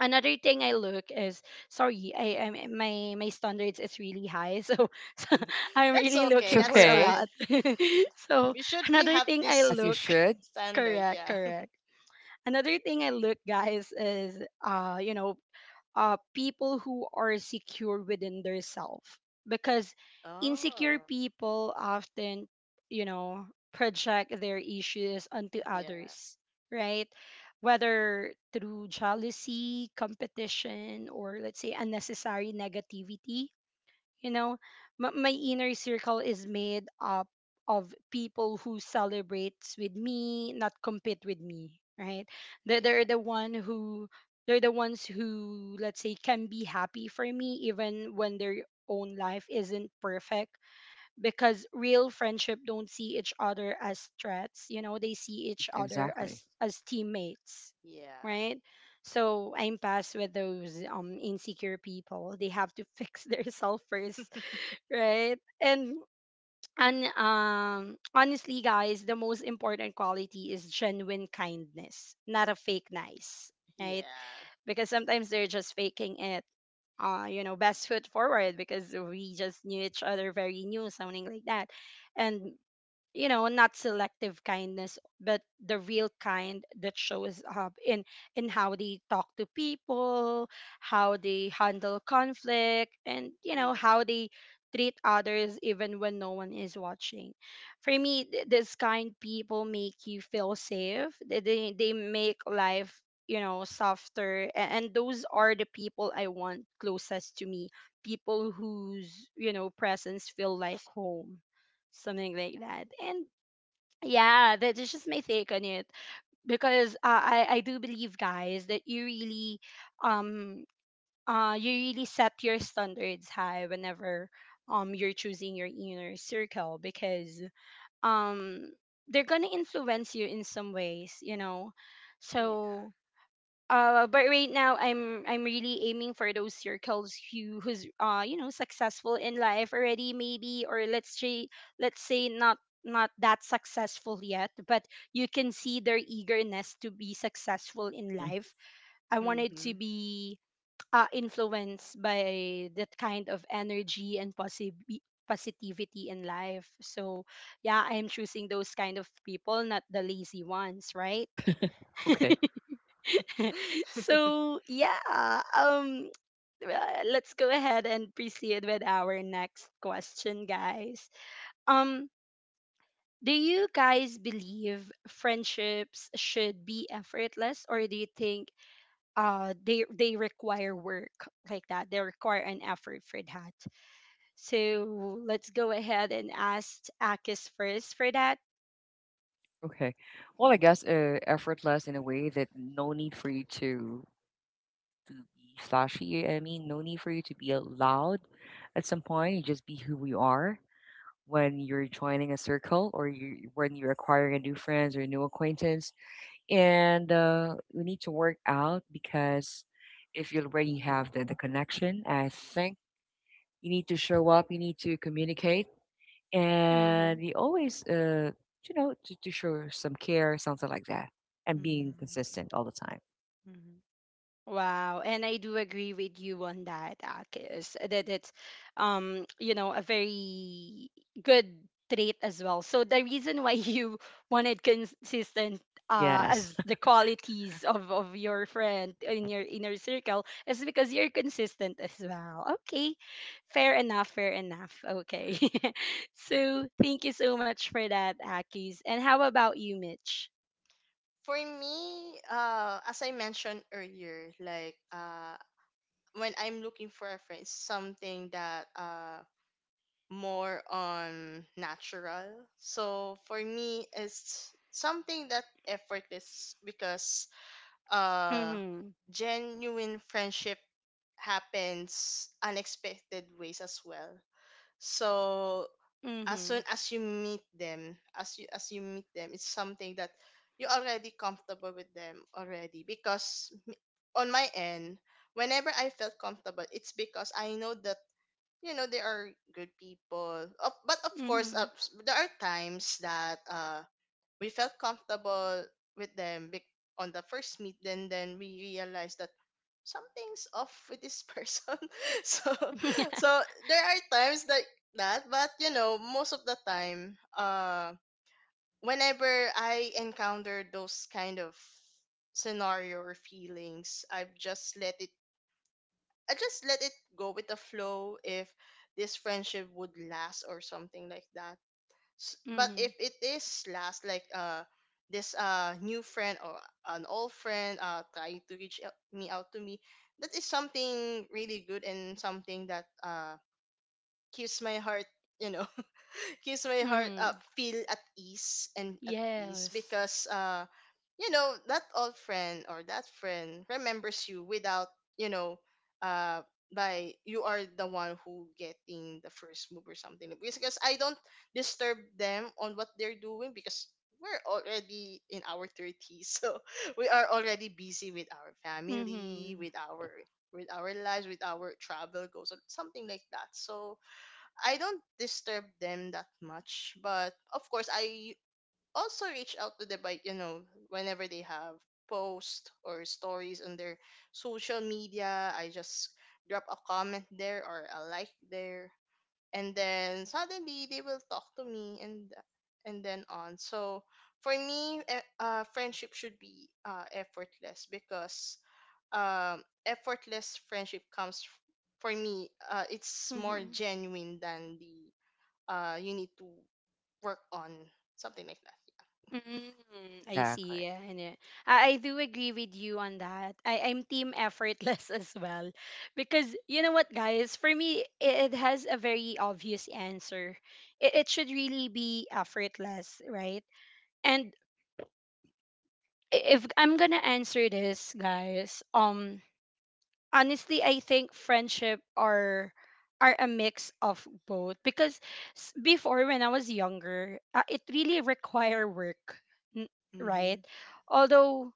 Speaker 1: Another thing I look is, sorry, I am my my standards is really high, so, so I'm
Speaker 3: That's
Speaker 1: really
Speaker 3: okay.
Speaker 2: it's
Speaker 1: looking for
Speaker 3: That's
Speaker 1: a
Speaker 2: okay,
Speaker 3: fine.
Speaker 1: lot. So
Speaker 3: We should be
Speaker 1: another
Speaker 3: have
Speaker 1: thing I
Speaker 3: this
Speaker 2: as you
Speaker 3: good
Speaker 1: look,
Speaker 2: should.
Speaker 3: standard.
Speaker 1: correct,
Speaker 3: Yeah.
Speaker 1: correct. Another thing I look, guys, is uh you know, uh, people who are secure within their self, because insecure
Speaker 3: Oh.
Speaker 1: people often, you know, project their issues onto
Speaker 3: Yeah.
Speaker 1: others, right, whether through jealousy, competition, or let's say unnecessary negativity. You know, M- my inner circle is made up of people who celebrates with me, not compete with me, right? They're, they're
Speaker 3: Yeah.
Speaker 1: the one who, they're the ones who, let's say, can be happy for me even when their own life isn't perfect, because real friendship don't see each other as threats. You know, they see
Speaker 2: Mhm.
Speaker 1: each other as
Speaker 2: Exactly.
Speaker 1: as teammates,
Speaker 3: Yeah.
Speaker 1: right? So I'm past with those um insecure people. They have to fix their self first, right? And and um honestly, guys, the most important quality is genuine kindness, not a fake nice, right?
Speaker 3: Yeah.
Speaker 1: Because sometimes they're just faking it, uh, you know, best foot forward, because we just knew each other very new, something like that. And you know, not selective kindness, but the real kind that shows up in in how they talk to people, how they handle conflict, and you know, how
Speaker 3: Yeah.
Speaker 1: they treat others even when no one is watching. For me, th- this kind people make you feel safe. They they, they make life, you know, softer, a- and those are the people I want closest to me, people whose, you know, presence feel like home, something like that. And yeah, that is just my take on it. Because uh, i i do believe, guys, that you really, um uh you really set your standards high whenever, um you're choosing your inner circle, because, um they're gonna influence you in some ways, you know.
Speaker 3: Yeah.
Speaker 1: So uh but right now, i'm i'm really aiming for those circles who who's, uh you know, successful in life already, maybe, or let's say, let's say not not that successful yet, but you can see their eagerness to be successful in
Speaker 2: Mhm.
Speaker 1: life. I
Speaker 3: Hmm.
Speaker 1: wanted to
Speaker 3: Mm-hmm.
Speaker 1: be uh, influenced by that kind of energy and possibly positivity in life. So yeah, I'm choosing those kind of people, not the lazy ones, right?
Speaker 2: Okay.
Speaker 1: So yeah, um, uh, let's go ahead and proceed with our next question, guys. Um, do you guys believe friendships should be effortless, or do you think uh they they require work like that? They require an effort for that. So let's go ahead and ask Akis first for that.
Speaker 2: Okay. Well, I guess uh, effortless in a way that no need for you to to be flashy. I mean, no need for you to be loud. At some point, you just be who you are when you're joining a circle, or you when you're acquiring a new friends or new acquaintance. And uh, we need to work out because if you already have the, the connection, I think you need to show up, you need to communicate,
Speaker 1: Mm-hmm.
Speaker 2: and you always, uh, you know, to, to show some care, something like that, and being consistent all the time.
Speaker 3: Mm-hmm.
Speaker 1: Wow, and I do agree with you on that, Akis, that it's, um, you know, a very good trait as well. So the reason why you wanted consistent, uh,
Speaker 2: Yes.
Speaker 1: as the qualities of, of your friend in your inner circle is because you're consistent as well. Okay, fair enough, fair enough. Okay,
Speaker 3: Mhm.
Speaker 1: so thank you so much for that, Akis. And how about you, Mitch?
Speaker 3: For me, uh, as I mentioned earlier, like uh, when I'm looking for a friend, something that uh, more on natural. So for me, it's something that effortless because uh,
Speaker 1: Mm-hmm.
Speaker 3: genuine friendship happens unexpected ways as well. So as
Speaker 1: Mm-hmm.
Speaker 3: soon as you meet them, as you as you meet them, it's something that you're already comfortable with them already. Because on my end, whenever I felt comfortable, it's because I know that you know they are good people. Of but of course,
Speaker 1: Mm-hmm.
Speaker 3: uh, s- there are times that uh we felt comfortable with them bec- on the first meet. Then then we realized that something's off with this person. So, so there are times like that, but you know, most of the time, uh whenever I encounter those kind of scenario or feelings, I've just let it I just let it go with the flow if this friendship would last or something like that. S- but if
Speaker 1: Mm-hmm.
Speaker 3: it is last like uh this uh new friend or an old friend uh trying to reach out, me out to me, that is something really good and something that uh keeps my heart, you know, kiss my heart
Speaker 1: Mm-hmm.
Speaker 3: up, feel at ease and at peace
Speaker 1: Yes.
Speaker 3: because uh you know that old friend or that friend remembers you without, you know, uh by you are the one who getting the first move or something. Because, because I don't disturb them on what they're doing because we're already in our thirties. So we are already busy with our family,
Speaker 1: Mm-hmm.
Speaker 3: with our with our lives, with our travel goals or something like that. So I don't disturb them that much, but of course I also reach out to them by, you know, whenever they have posts or stories on their social media, I just drop a comment there or a like there, and then suddenly they will talk to me and and then on. So for me, eh, uh, friendship should be uh, effortless because um, effortless friendship comes f- for me, Uh, it's more
Speaker 1: Mm-hmm.
Speaker 3: genuine than the uh you need to work on, something like that.
Speaker 1: Mm, I see.
Speaker 2: Exactly.
Speaker 1: Yeah, and yeah. I, I do agree with you on that. I, I'm team effortless as well. Because you know what, guys, for me, it, it has a very obvious answer. It, it should really be effortless, right? And i- if I'm gonna answer this, guys, um, honestly, I think friendship are are a mix of both, because s- before, when I was younger, uh, it really require work. n-
Speaker 3: Mm-hmm.
Speaker 1: right? Although,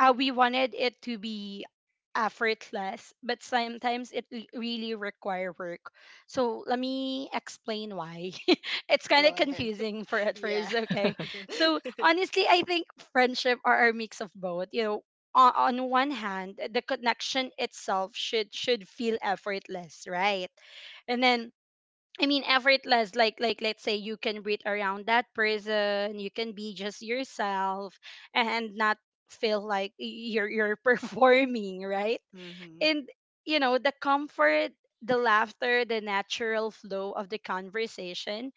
Speaker 1: uh, we wanted it to be effortless, but sometimes it l- really require work. So let me explain why. It's kind of
Speaker 3: Go ahead.
Speaker 1: confusing for at
Speaker 3: Yeah.
Speaker 1: first, okay? So honestly, I think friendship are a mix of both. You know, on, on one hand, the connection itself should should feel effortless, right? And then I mean effortless, like like let's say you can breathe around that person, you can be just yourself and not feel like y- you're you're performing, right?
Speaker 3: Mm-hmm.
Speaker 1: And you know, the comfort, the laughter, the natural flow of the conversation,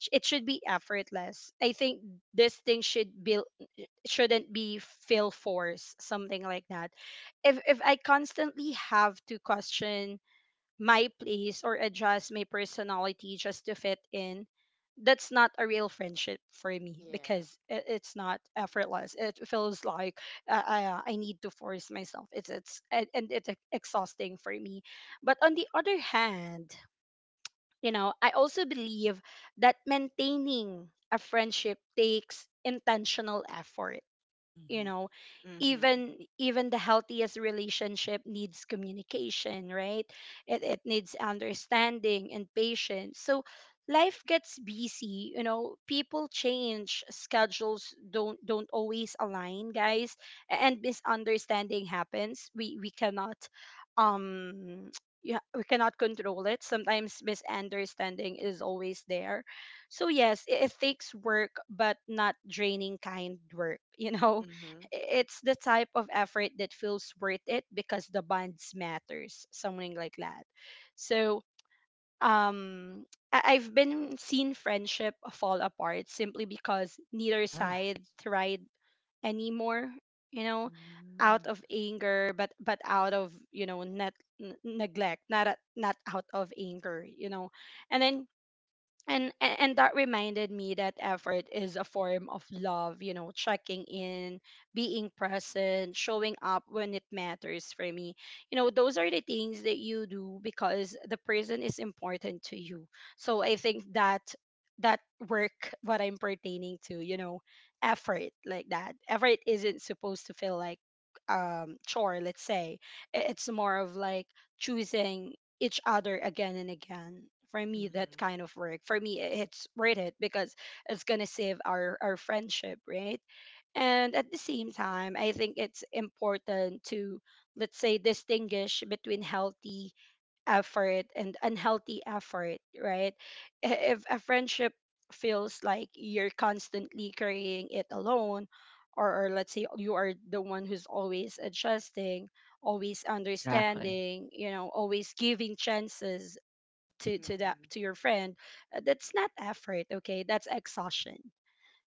Speaker 1: sh- it should be effortless. I think this thing should be shouldn't be feel force, something like that. if if I constantly have to question my place or adjust my personality just to fit in, that's not a real friendship for me,
Speaker 3: Yeah.
Speaker 1: because it, it's not effortless. It feels like uh, I, uh, I need to force myself. It's it's and, and it's exhausting for me. But on the other hand, you know, I also believe that maintaining a friendship takes intentional effort, you
Speaker 2: Hmm.
Speaker 1: know.
Speaker 3: Mm-hmm.
Speaker 1: Even even the healthiest relationship needs communication, right? It, it needs understanding and patience. So life gets busy, you know, people change, schedules don't don't always align, guys, a- and misunderstanding happens. We we cannot, um yeah, we cannot control it. Sometimes misunderstanding is always there. So yes, it, it takes work, but not draining kind work, you know.
Speaker 3: Mm-hmm.
Speaker 1: It's the type of effort that feels worth it because the bonds matters, something like that. So, um I- I've been seen friendship fall apart simply because neither
Speaker 2: Yeah,
Speaker 1: side tried anymore, you know,
Speaker 3: Mm-hmm.
Speaker 1: out of anger, but but out of, you know, net n- neglect. Not a, not out of anger, you know. And then and a- and that reminded me that effort is a form of love. You know, checking in, being present, showing up when it matters. For me, you know, those are the things that you do because the person is important to you. So I think that that work what I'm pertaining to, you know, effort, like that effort isn't supposed to feel like, um chore, let's say. I- it's more of like choosing each other again and again. For me, that kind of work, for me, i- it's worth it because it's gonna save our our friendship, right? And at the same time, I think it's important to, let's say, distinguish between healthy effort and unhealthy effort, right? I- If a friendship feels like you're constantly carrying it alone, or, or let's say you are the one who's always adjusting, always
Speaker 2: exactly.
Speaker 1: understanding, you know, always giving chances to to that to
Speaker 3: Mm-hmm.
Speaker 1: your friend, uh, that's not effort, okay? That's exhaustion.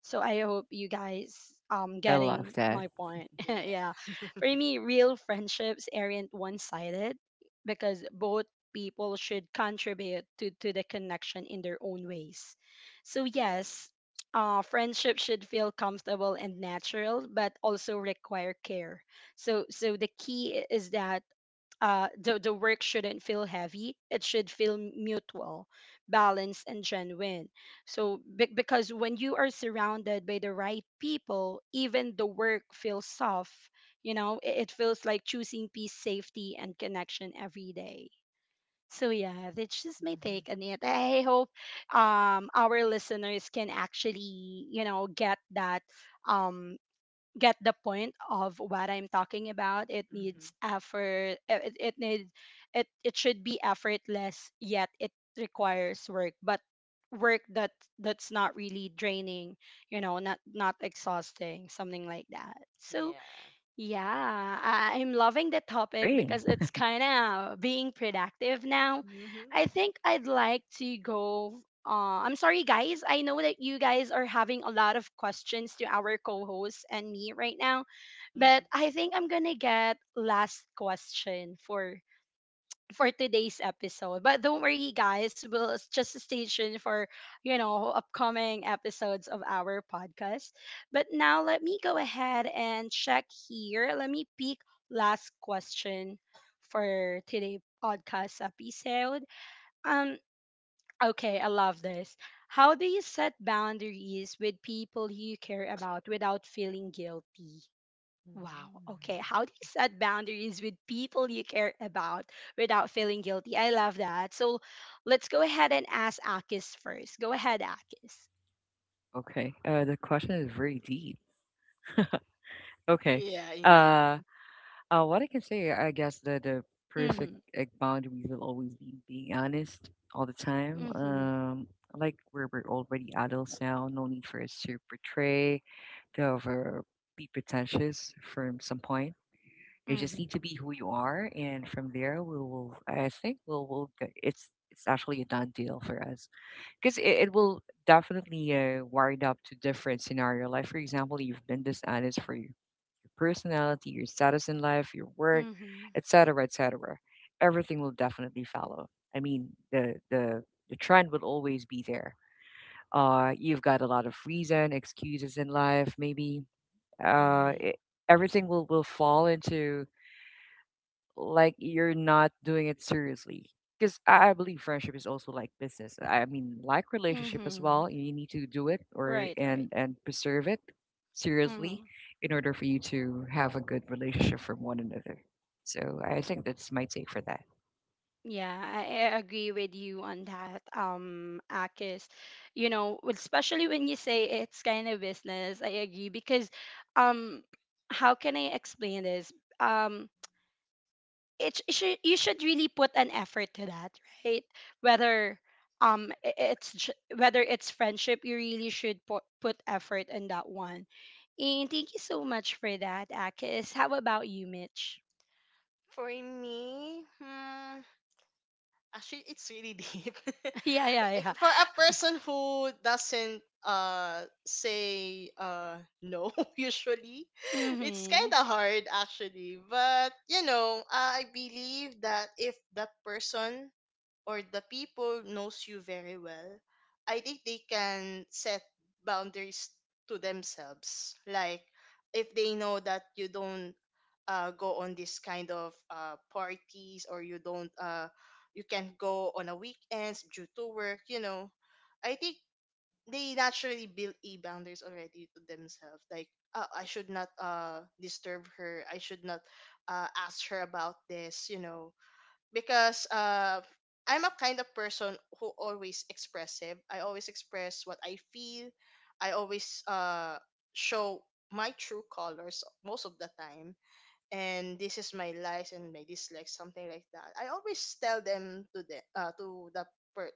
Speaker 1: So I hope you guys um
Speaker 2: I love
Speaker 1: getting
Speaker 2: that.
Speaker 1: my point. Yeah.
Speaker 3: Yeah.
Speaker 1: For me, real friendships aren't one-sided because both people should contribute to, to the connection in their own ways. So
Speaker 3: Yeah.
Speaker 1: yes, uh, friendship should feel comfortable and natural, but also require care. So so the key i- is that uh, the, the work shouldn't feel heavy. It should feel mutual, balanced, and genuine. So, be- because when you are surrounded by the right people, even the work feels soft. You know, it, it feels like choosing peace, safety, and connection every day. So yeah, that's just my
Speaker 3: Mm-hmm.
Speaker 1: take on it. I hope um, our listeners can actually, you know, get that um, get the point of what I'm talking about. It
Speaker 3: Mm-hmm.
Speaker 1: needs effort. uh, It, it needs it it should be effortless, yet it requires work. But work that that's not really draining, you know, not not exhausting, something like that. So
Speaker 3: Yeah.
Speaker 1: yeah, I- I'm loving the topic
Speaker 2: Great.
Speaker 1: because it's kind of being productive now.
Speaker 3: Mm-hmm.
Speaker 1: I think I'd like to go. Uh, I'm sorry, guys. I know that you guys are having a lot of questions to our co hosts and me right now, but
Speaker 3: Mm-hmm.
Speaker 1: I think I'm going to get last question for for today's episode. But don't worry, guys. We'll s- just stay tuned for, you know, upcoming episodes of our podcast. But now let me go ahead and check here. Let me pick last question for today podcast episode. Um, okay, I love this. How do you set boundaries with people you care about without feeling guilty? Wow. Okay. How do you set boundaries with people you care about without feeling guilty? I love that. So let's go ahead and ask Akis first. Go ahead, Akis.
Speaker 2: Okay. Uh, the question is very deep. Okay.
Speaker 3: Yeah, indeed.
Speaker 2: uh Uh, what I can say, I guess the the perfect
Speaker 1: Mm-hmm.
Speaker 2: egg boundary will always be being honest all the time.
Speaker 1: Mm-hmm.
Speaker 2: Um, like, we're we're already adults now, no need for us to portray, to ever be pretentious from some point. You
Speaker 1: Mm-hmm.
Speaker 2: just need to be who you are, and from there, we will. I think we'll will. It's it's actually a done deal for us because it, it will definitely uh, wired up to different scenario. Like, for example, you've been dishonest for your personality, your status in life, your work,
Speaker 1: Mm-hmm.
Speaker 2: et cetera, et cetera. Everything will definitely follow. I mean, the the the trend will always be there. Uh, you've got a lot of reason, excuses in life, maybe. Uh,
Speaker 3: Mm-hmm.
Speaker 2: it, Everything will will fall into like you're not doing it seriously. Because I I believe friendship is also like business. I mean, like relationship as
Speaker 1: Mm-hmm.
Speaker 2: well. You need to do it or
Speaker 1: Right, right.
Speaker 2: and and preserve it seriously
Speaker 1: Mm-hmm.
Speaker 2: in order for you to have a good relationship from one another. So I think that's my take for that.
Speaker 1: Yeah, I, I agree with you on that, um, Akis. You know, especially when you say it's kind of business, I agree because um how can I explain this? Um it, sh- it should you should really put an effort to that, right? Whether um i- it's j- whether it's friendship, you really should put, put effort in that one. And thank you so much for that, Akis. How about you, Mitch?
Speaker 3: For me, hmm, actually it's really deep.
Speaker 1: Yeah yeah yeah.
Speaker 3: For a person who doesn't uh say uh no, usually it's
Speaker 1: Mm-hmm.
Speaker 3: kind of hard actually, but you know I believe that if that person or the people knows you very well, I think they can set boundaries to themselves. Like if they know that you don't uh, go on this kind of uh, parties, or you don't uh, you can't go on a weekends due to work, you know, I think they naturally build a boundaries already to themselves. Like uh, I should not uh, disturb her. I should not uh, ask her about this. You know, because uh I'm a kind of person who always expressive. I always express what I feel. I always uh show my true colors most of the time. And this is my likes and my dislikes, something like that. I always tell them to the uh, to the per-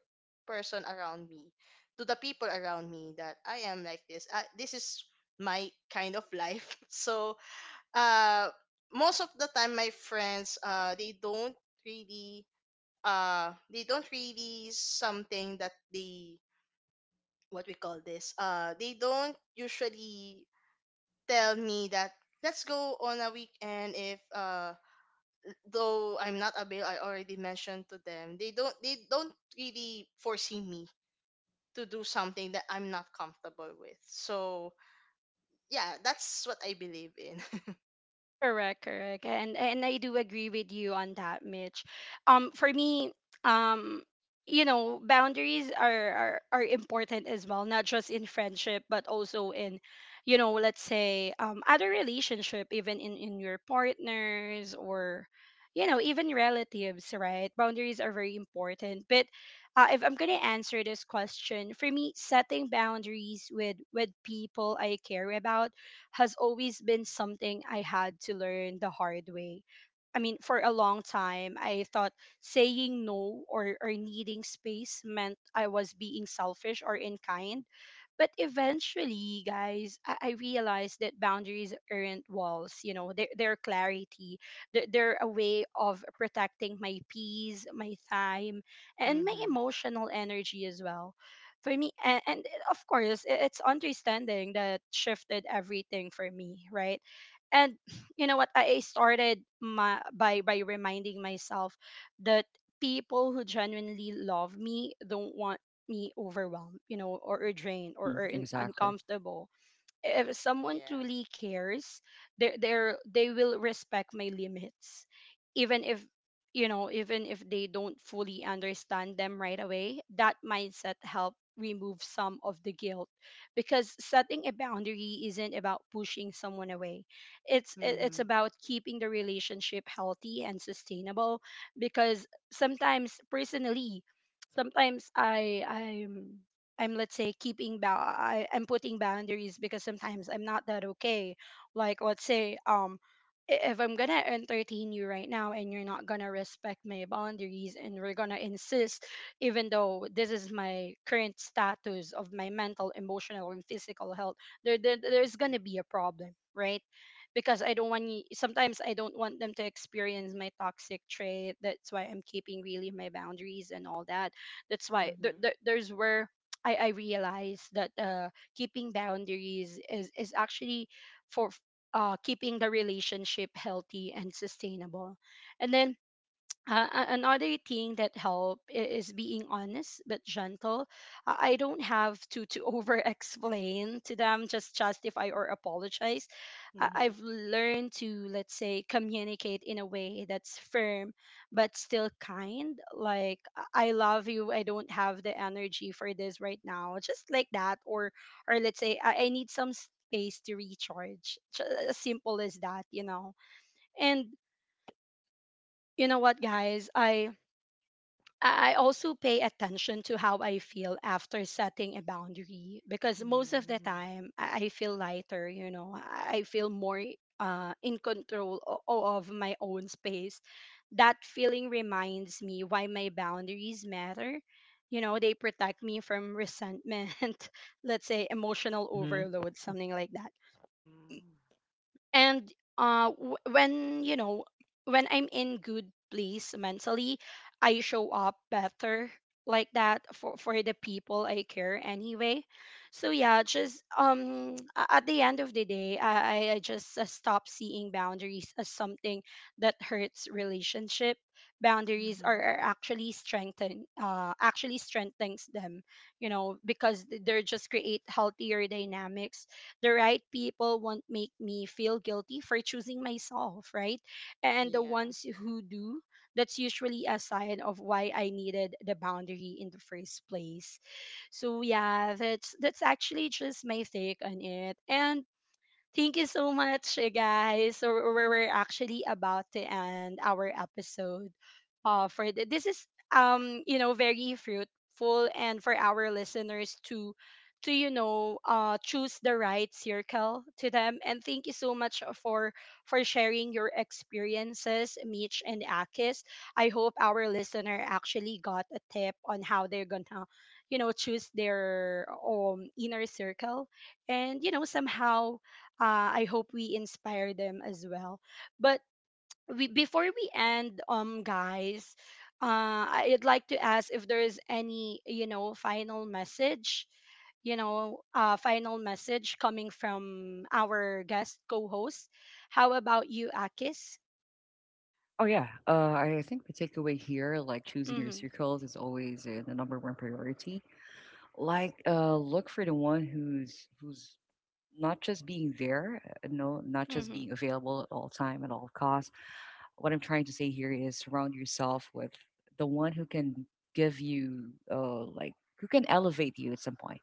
Speaker 3: person around me, to the people around me, that I am like this. Uh, this is my kind of life. So uh most of the time, my friends uh they don't really uh they don't really, something that they what we call this uh they don't usually tell me that let's go on a weekend if uh though I'm not available, I already mentioned to them. They don't they don't really foresee me to do something that I'm not comfortable with. So yeah, that's what I believe in.
Speaker 1: Correct, correct. And and I do agree with you on that, Mitch. Um for me, um you know, boundaries are, are are important as well, not just in friendship, but also in, you know, let's say um other relationship, even in in your partners or you know, even relatives, right? Boundaries are very important. But uh, if I'm gonna answer this question, for me, setting boundaries with with people I care about has always been something I had to learn the hard way. I mean, for a long time, I thought saying no or, or needing space meant I was being selfish or unkind, but eventually, guys, I, I realized that boundaries aren't walls, you know, they're, they're clarity. They're, they're a way of protecting my peace, my time, and my
Speaker 3: Mm-hmm.
Speaker 1: emotional energy as well. For me, and, and of course, i- it's understanding that shifted everything for me, right? And you know what? I I started my, by by reminding myself that people who genuinely love me don't want me overwhelmed, you know, or, or drained or,
Speaker 2: Mm-hmm,
Speaker 1: or in,
Speaker 2: exactly.
Speaker 1: uncomfortable. If someone
Speaker 3: Yeah.
Speaker 1: truly cares, they they they will respect my limits, even if you know even if they don't fully understand them right away. That mindset help remove some of the guilt because setting a boundary isn't about pushing someone away. It's it- it's
Speaker 3: Mm-hmm.
Speaker 1: about keeping the relationship healthy and sustainable. Because sometimes personally sometimes i i'm I'm let's say keeping ba I, I'm putting boundaries because sometimes I'm not that okay. Like let's say um i- if I'm gonna entertain you right now and you're not gonna respect my boundaries and we're gonna insist even though this is my current status of my mental, emotional and physical health, there, there there's gonna be a problem, right? Because I don't want y- sometimes I don't want them to experience my toxic trait. That's why I'm keeping really my boundaries and all that. That's why th-
Speaker 3: Mm-hmm.
Speaker 1: th- there's where I, I realized that uh, keeping boundaries is, is actually for uh, keeping the relationship healthy and sustainable. And then uh, a- another thing that help i- is being honest but gentle. I I don't have to to over explain to them, just justify or apologize. I-
Speaker 3: Mm-hmm.
Speaker 1: I've learned to let's say communicate in a way that's firm but still kind. Like I I love you. I don't have the energy for this right now, just like that. Or or let's say I, I need some space to recharge. Ju- As simple as that, you know. And you know what, guys, I I I also pay attention to how I feel after setting a boundary because most of the
Speaker 3: Mm-hmm.
Speaker 1: time I I feel lighter, you know, I I feel more uh, in control o- o- of my own space. That feeling reminds me why my boundaries matter. You know, they protect me from resentment, let's say emotional
Speaker 2: Mm-hmm.
Speaker 1: overload, something like that. And uh w- when you know when I'm in good place mentally, I show up better like that for for the people I care anyway. So yeah, just um a- at the end of the day, i i I just uh, stop seeing boundaries as something that hurts relationship. Boundaries
Speaker 3: Mm-hmm.
Speaker 1: are, are actually strengthen, uh actually strengthens them, you know, because th- they're just create healthier dynamics. The right people won't make me feel guilty for choosing myself, right? And the
Speaker 3: Yeah.
Speaker 1: ones who do, that's usually a sign of why I needed the boundary in the first place. So yeah, that's that's actually just my take on it. And thank you so much, uh, guys. So we're we're actually about to end our episode. Uh, for th- this is um you know very fruitful and for our listeners to to you know uh choose the right circle to them. And thank you so much for for sharing your experiences, Mitch and Akis. I hope our listener actually got a tip on how they're gonna you know choose their um inner circle and you know somehow uh, I hope we inspire them as well. But we, before we end, um, guys, uh, I'd like to ask if there is any, you know, final message, you know, uh, final message coming from our guest co-host. How about you, Akis?
Speaker 2: Oh yeah. Uh, I think the takeaway here, like choosing your
Speaker 1: Mm-hmm,
Speaker 2: circles, is always uh, the number one priority. Like, uh, look for the one who's who's not just being there, uh, no, not just
Speaker 1: mm-hmm,
Speaker 2: being available at all time at all costs. What I'm trying to say here is surround yourself with the one who can give you, uh, like, who can elevate you at some point.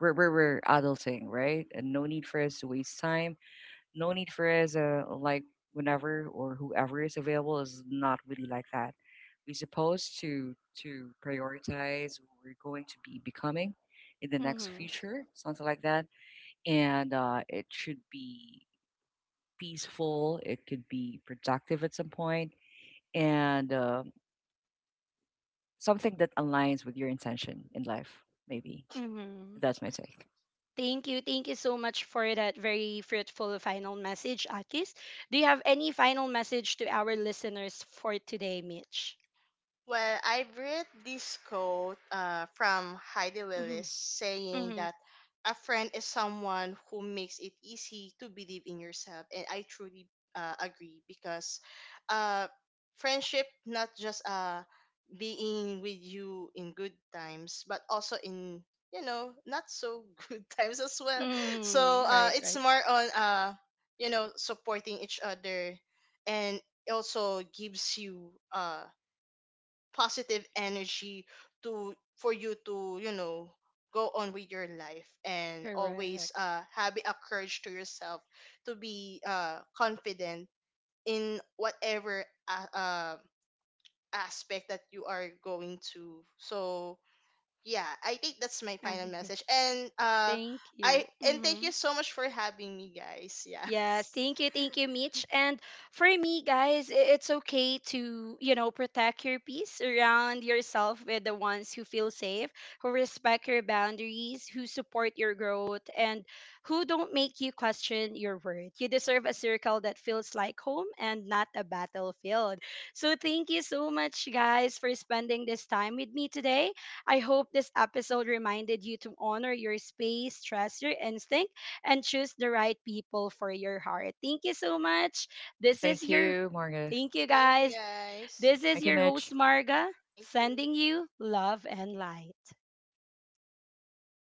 Speaker 2: We're we're, we're adulting, right? And no need for us to waste time. No need for us, uh, like, whenever or whoever is available is not really like that. We're supposed to to prioritize. what we're going to be becoming in the next
Speaker 1: mm-hmm,
Speaker 2: future, something like that. And uh, it should be peaceful. It could be productive at some point, and uh, something that aligns with your intention in life. Maybe
Speaker 1: mm-hmm.
Speaker 2: that's my take.
Speaker 1: Thank you. Thank you so much for that very fruitful final message, Akis. Do you have any final message to our listeners for today, Mitch?
Speaker 3: Well, I've read this quote uh, from Heidi
Speaker 1: Mm-hmm.
Speaker 3: Willis saying
Speaker 1: Mm-hmm.
Speaker 3: that a friend is someone who makes it easy to believe in yourself. And I truly uh, agree because uh, friendship, not just uh, being with you in good times, but also in, you know, not so good times as well.
Speaker 1: Mm-hmm.
Speaker 3: So uh,
Speaker 1: Right,
Speaker 3: it's
Speaker 1: right.
Speaker 3: more on, uh, you know, supporting each other and also gives you uh, positive energy to for you to, you know, go on with your life and
Speaker 1: Correct.
Speaker 3: always uh having a courage to yourself to be uh confident in whatever uh, uh aspect that you are going to. So yeah, I think that's my
Speaker 1: All
Speaker 3: final
Speaker 1: right.
Speaker 3: message. and uh
Speaker 1: Thank
Speaker 3: i
Speaker 1: you.
Speaker 3: and
Speaker 1: Mm-hmm.
Speaker 3: thank you so much for having me, guys.
Speaker 1: Yes,
Speaker 3: Yes.
Speaker 1: thank you, thank you, Mitch. And for me, guys, i- it's okay to, you know, protect your peace, surround yourself with the ones who feel safe, who respect your boundaries, who support your growth, and who don't make you question your worth. You deserve a circle that feels like home and not a battlefield. So, thank you so much, guys, for spending this time with me today. I hope this episode reminded you to honor your space, trust your instincts and choose the right people for your heart. Thank you so much. This is
Speaker 2: Thank
Speaker 1: your
Speaker 2: you, Marga.
Speaker 1: thank you
Speaker 3: Thank you,
Speaker 1: guys.
Speaker 3: guys.
Speaker 1: This is
Speaker 2: Thank you,
Speaker 1: your host
Speaker 2: Mitch.
Speaker 1: Marga
Speaker 3: Thank you.
Speaker 1: sending you love and light.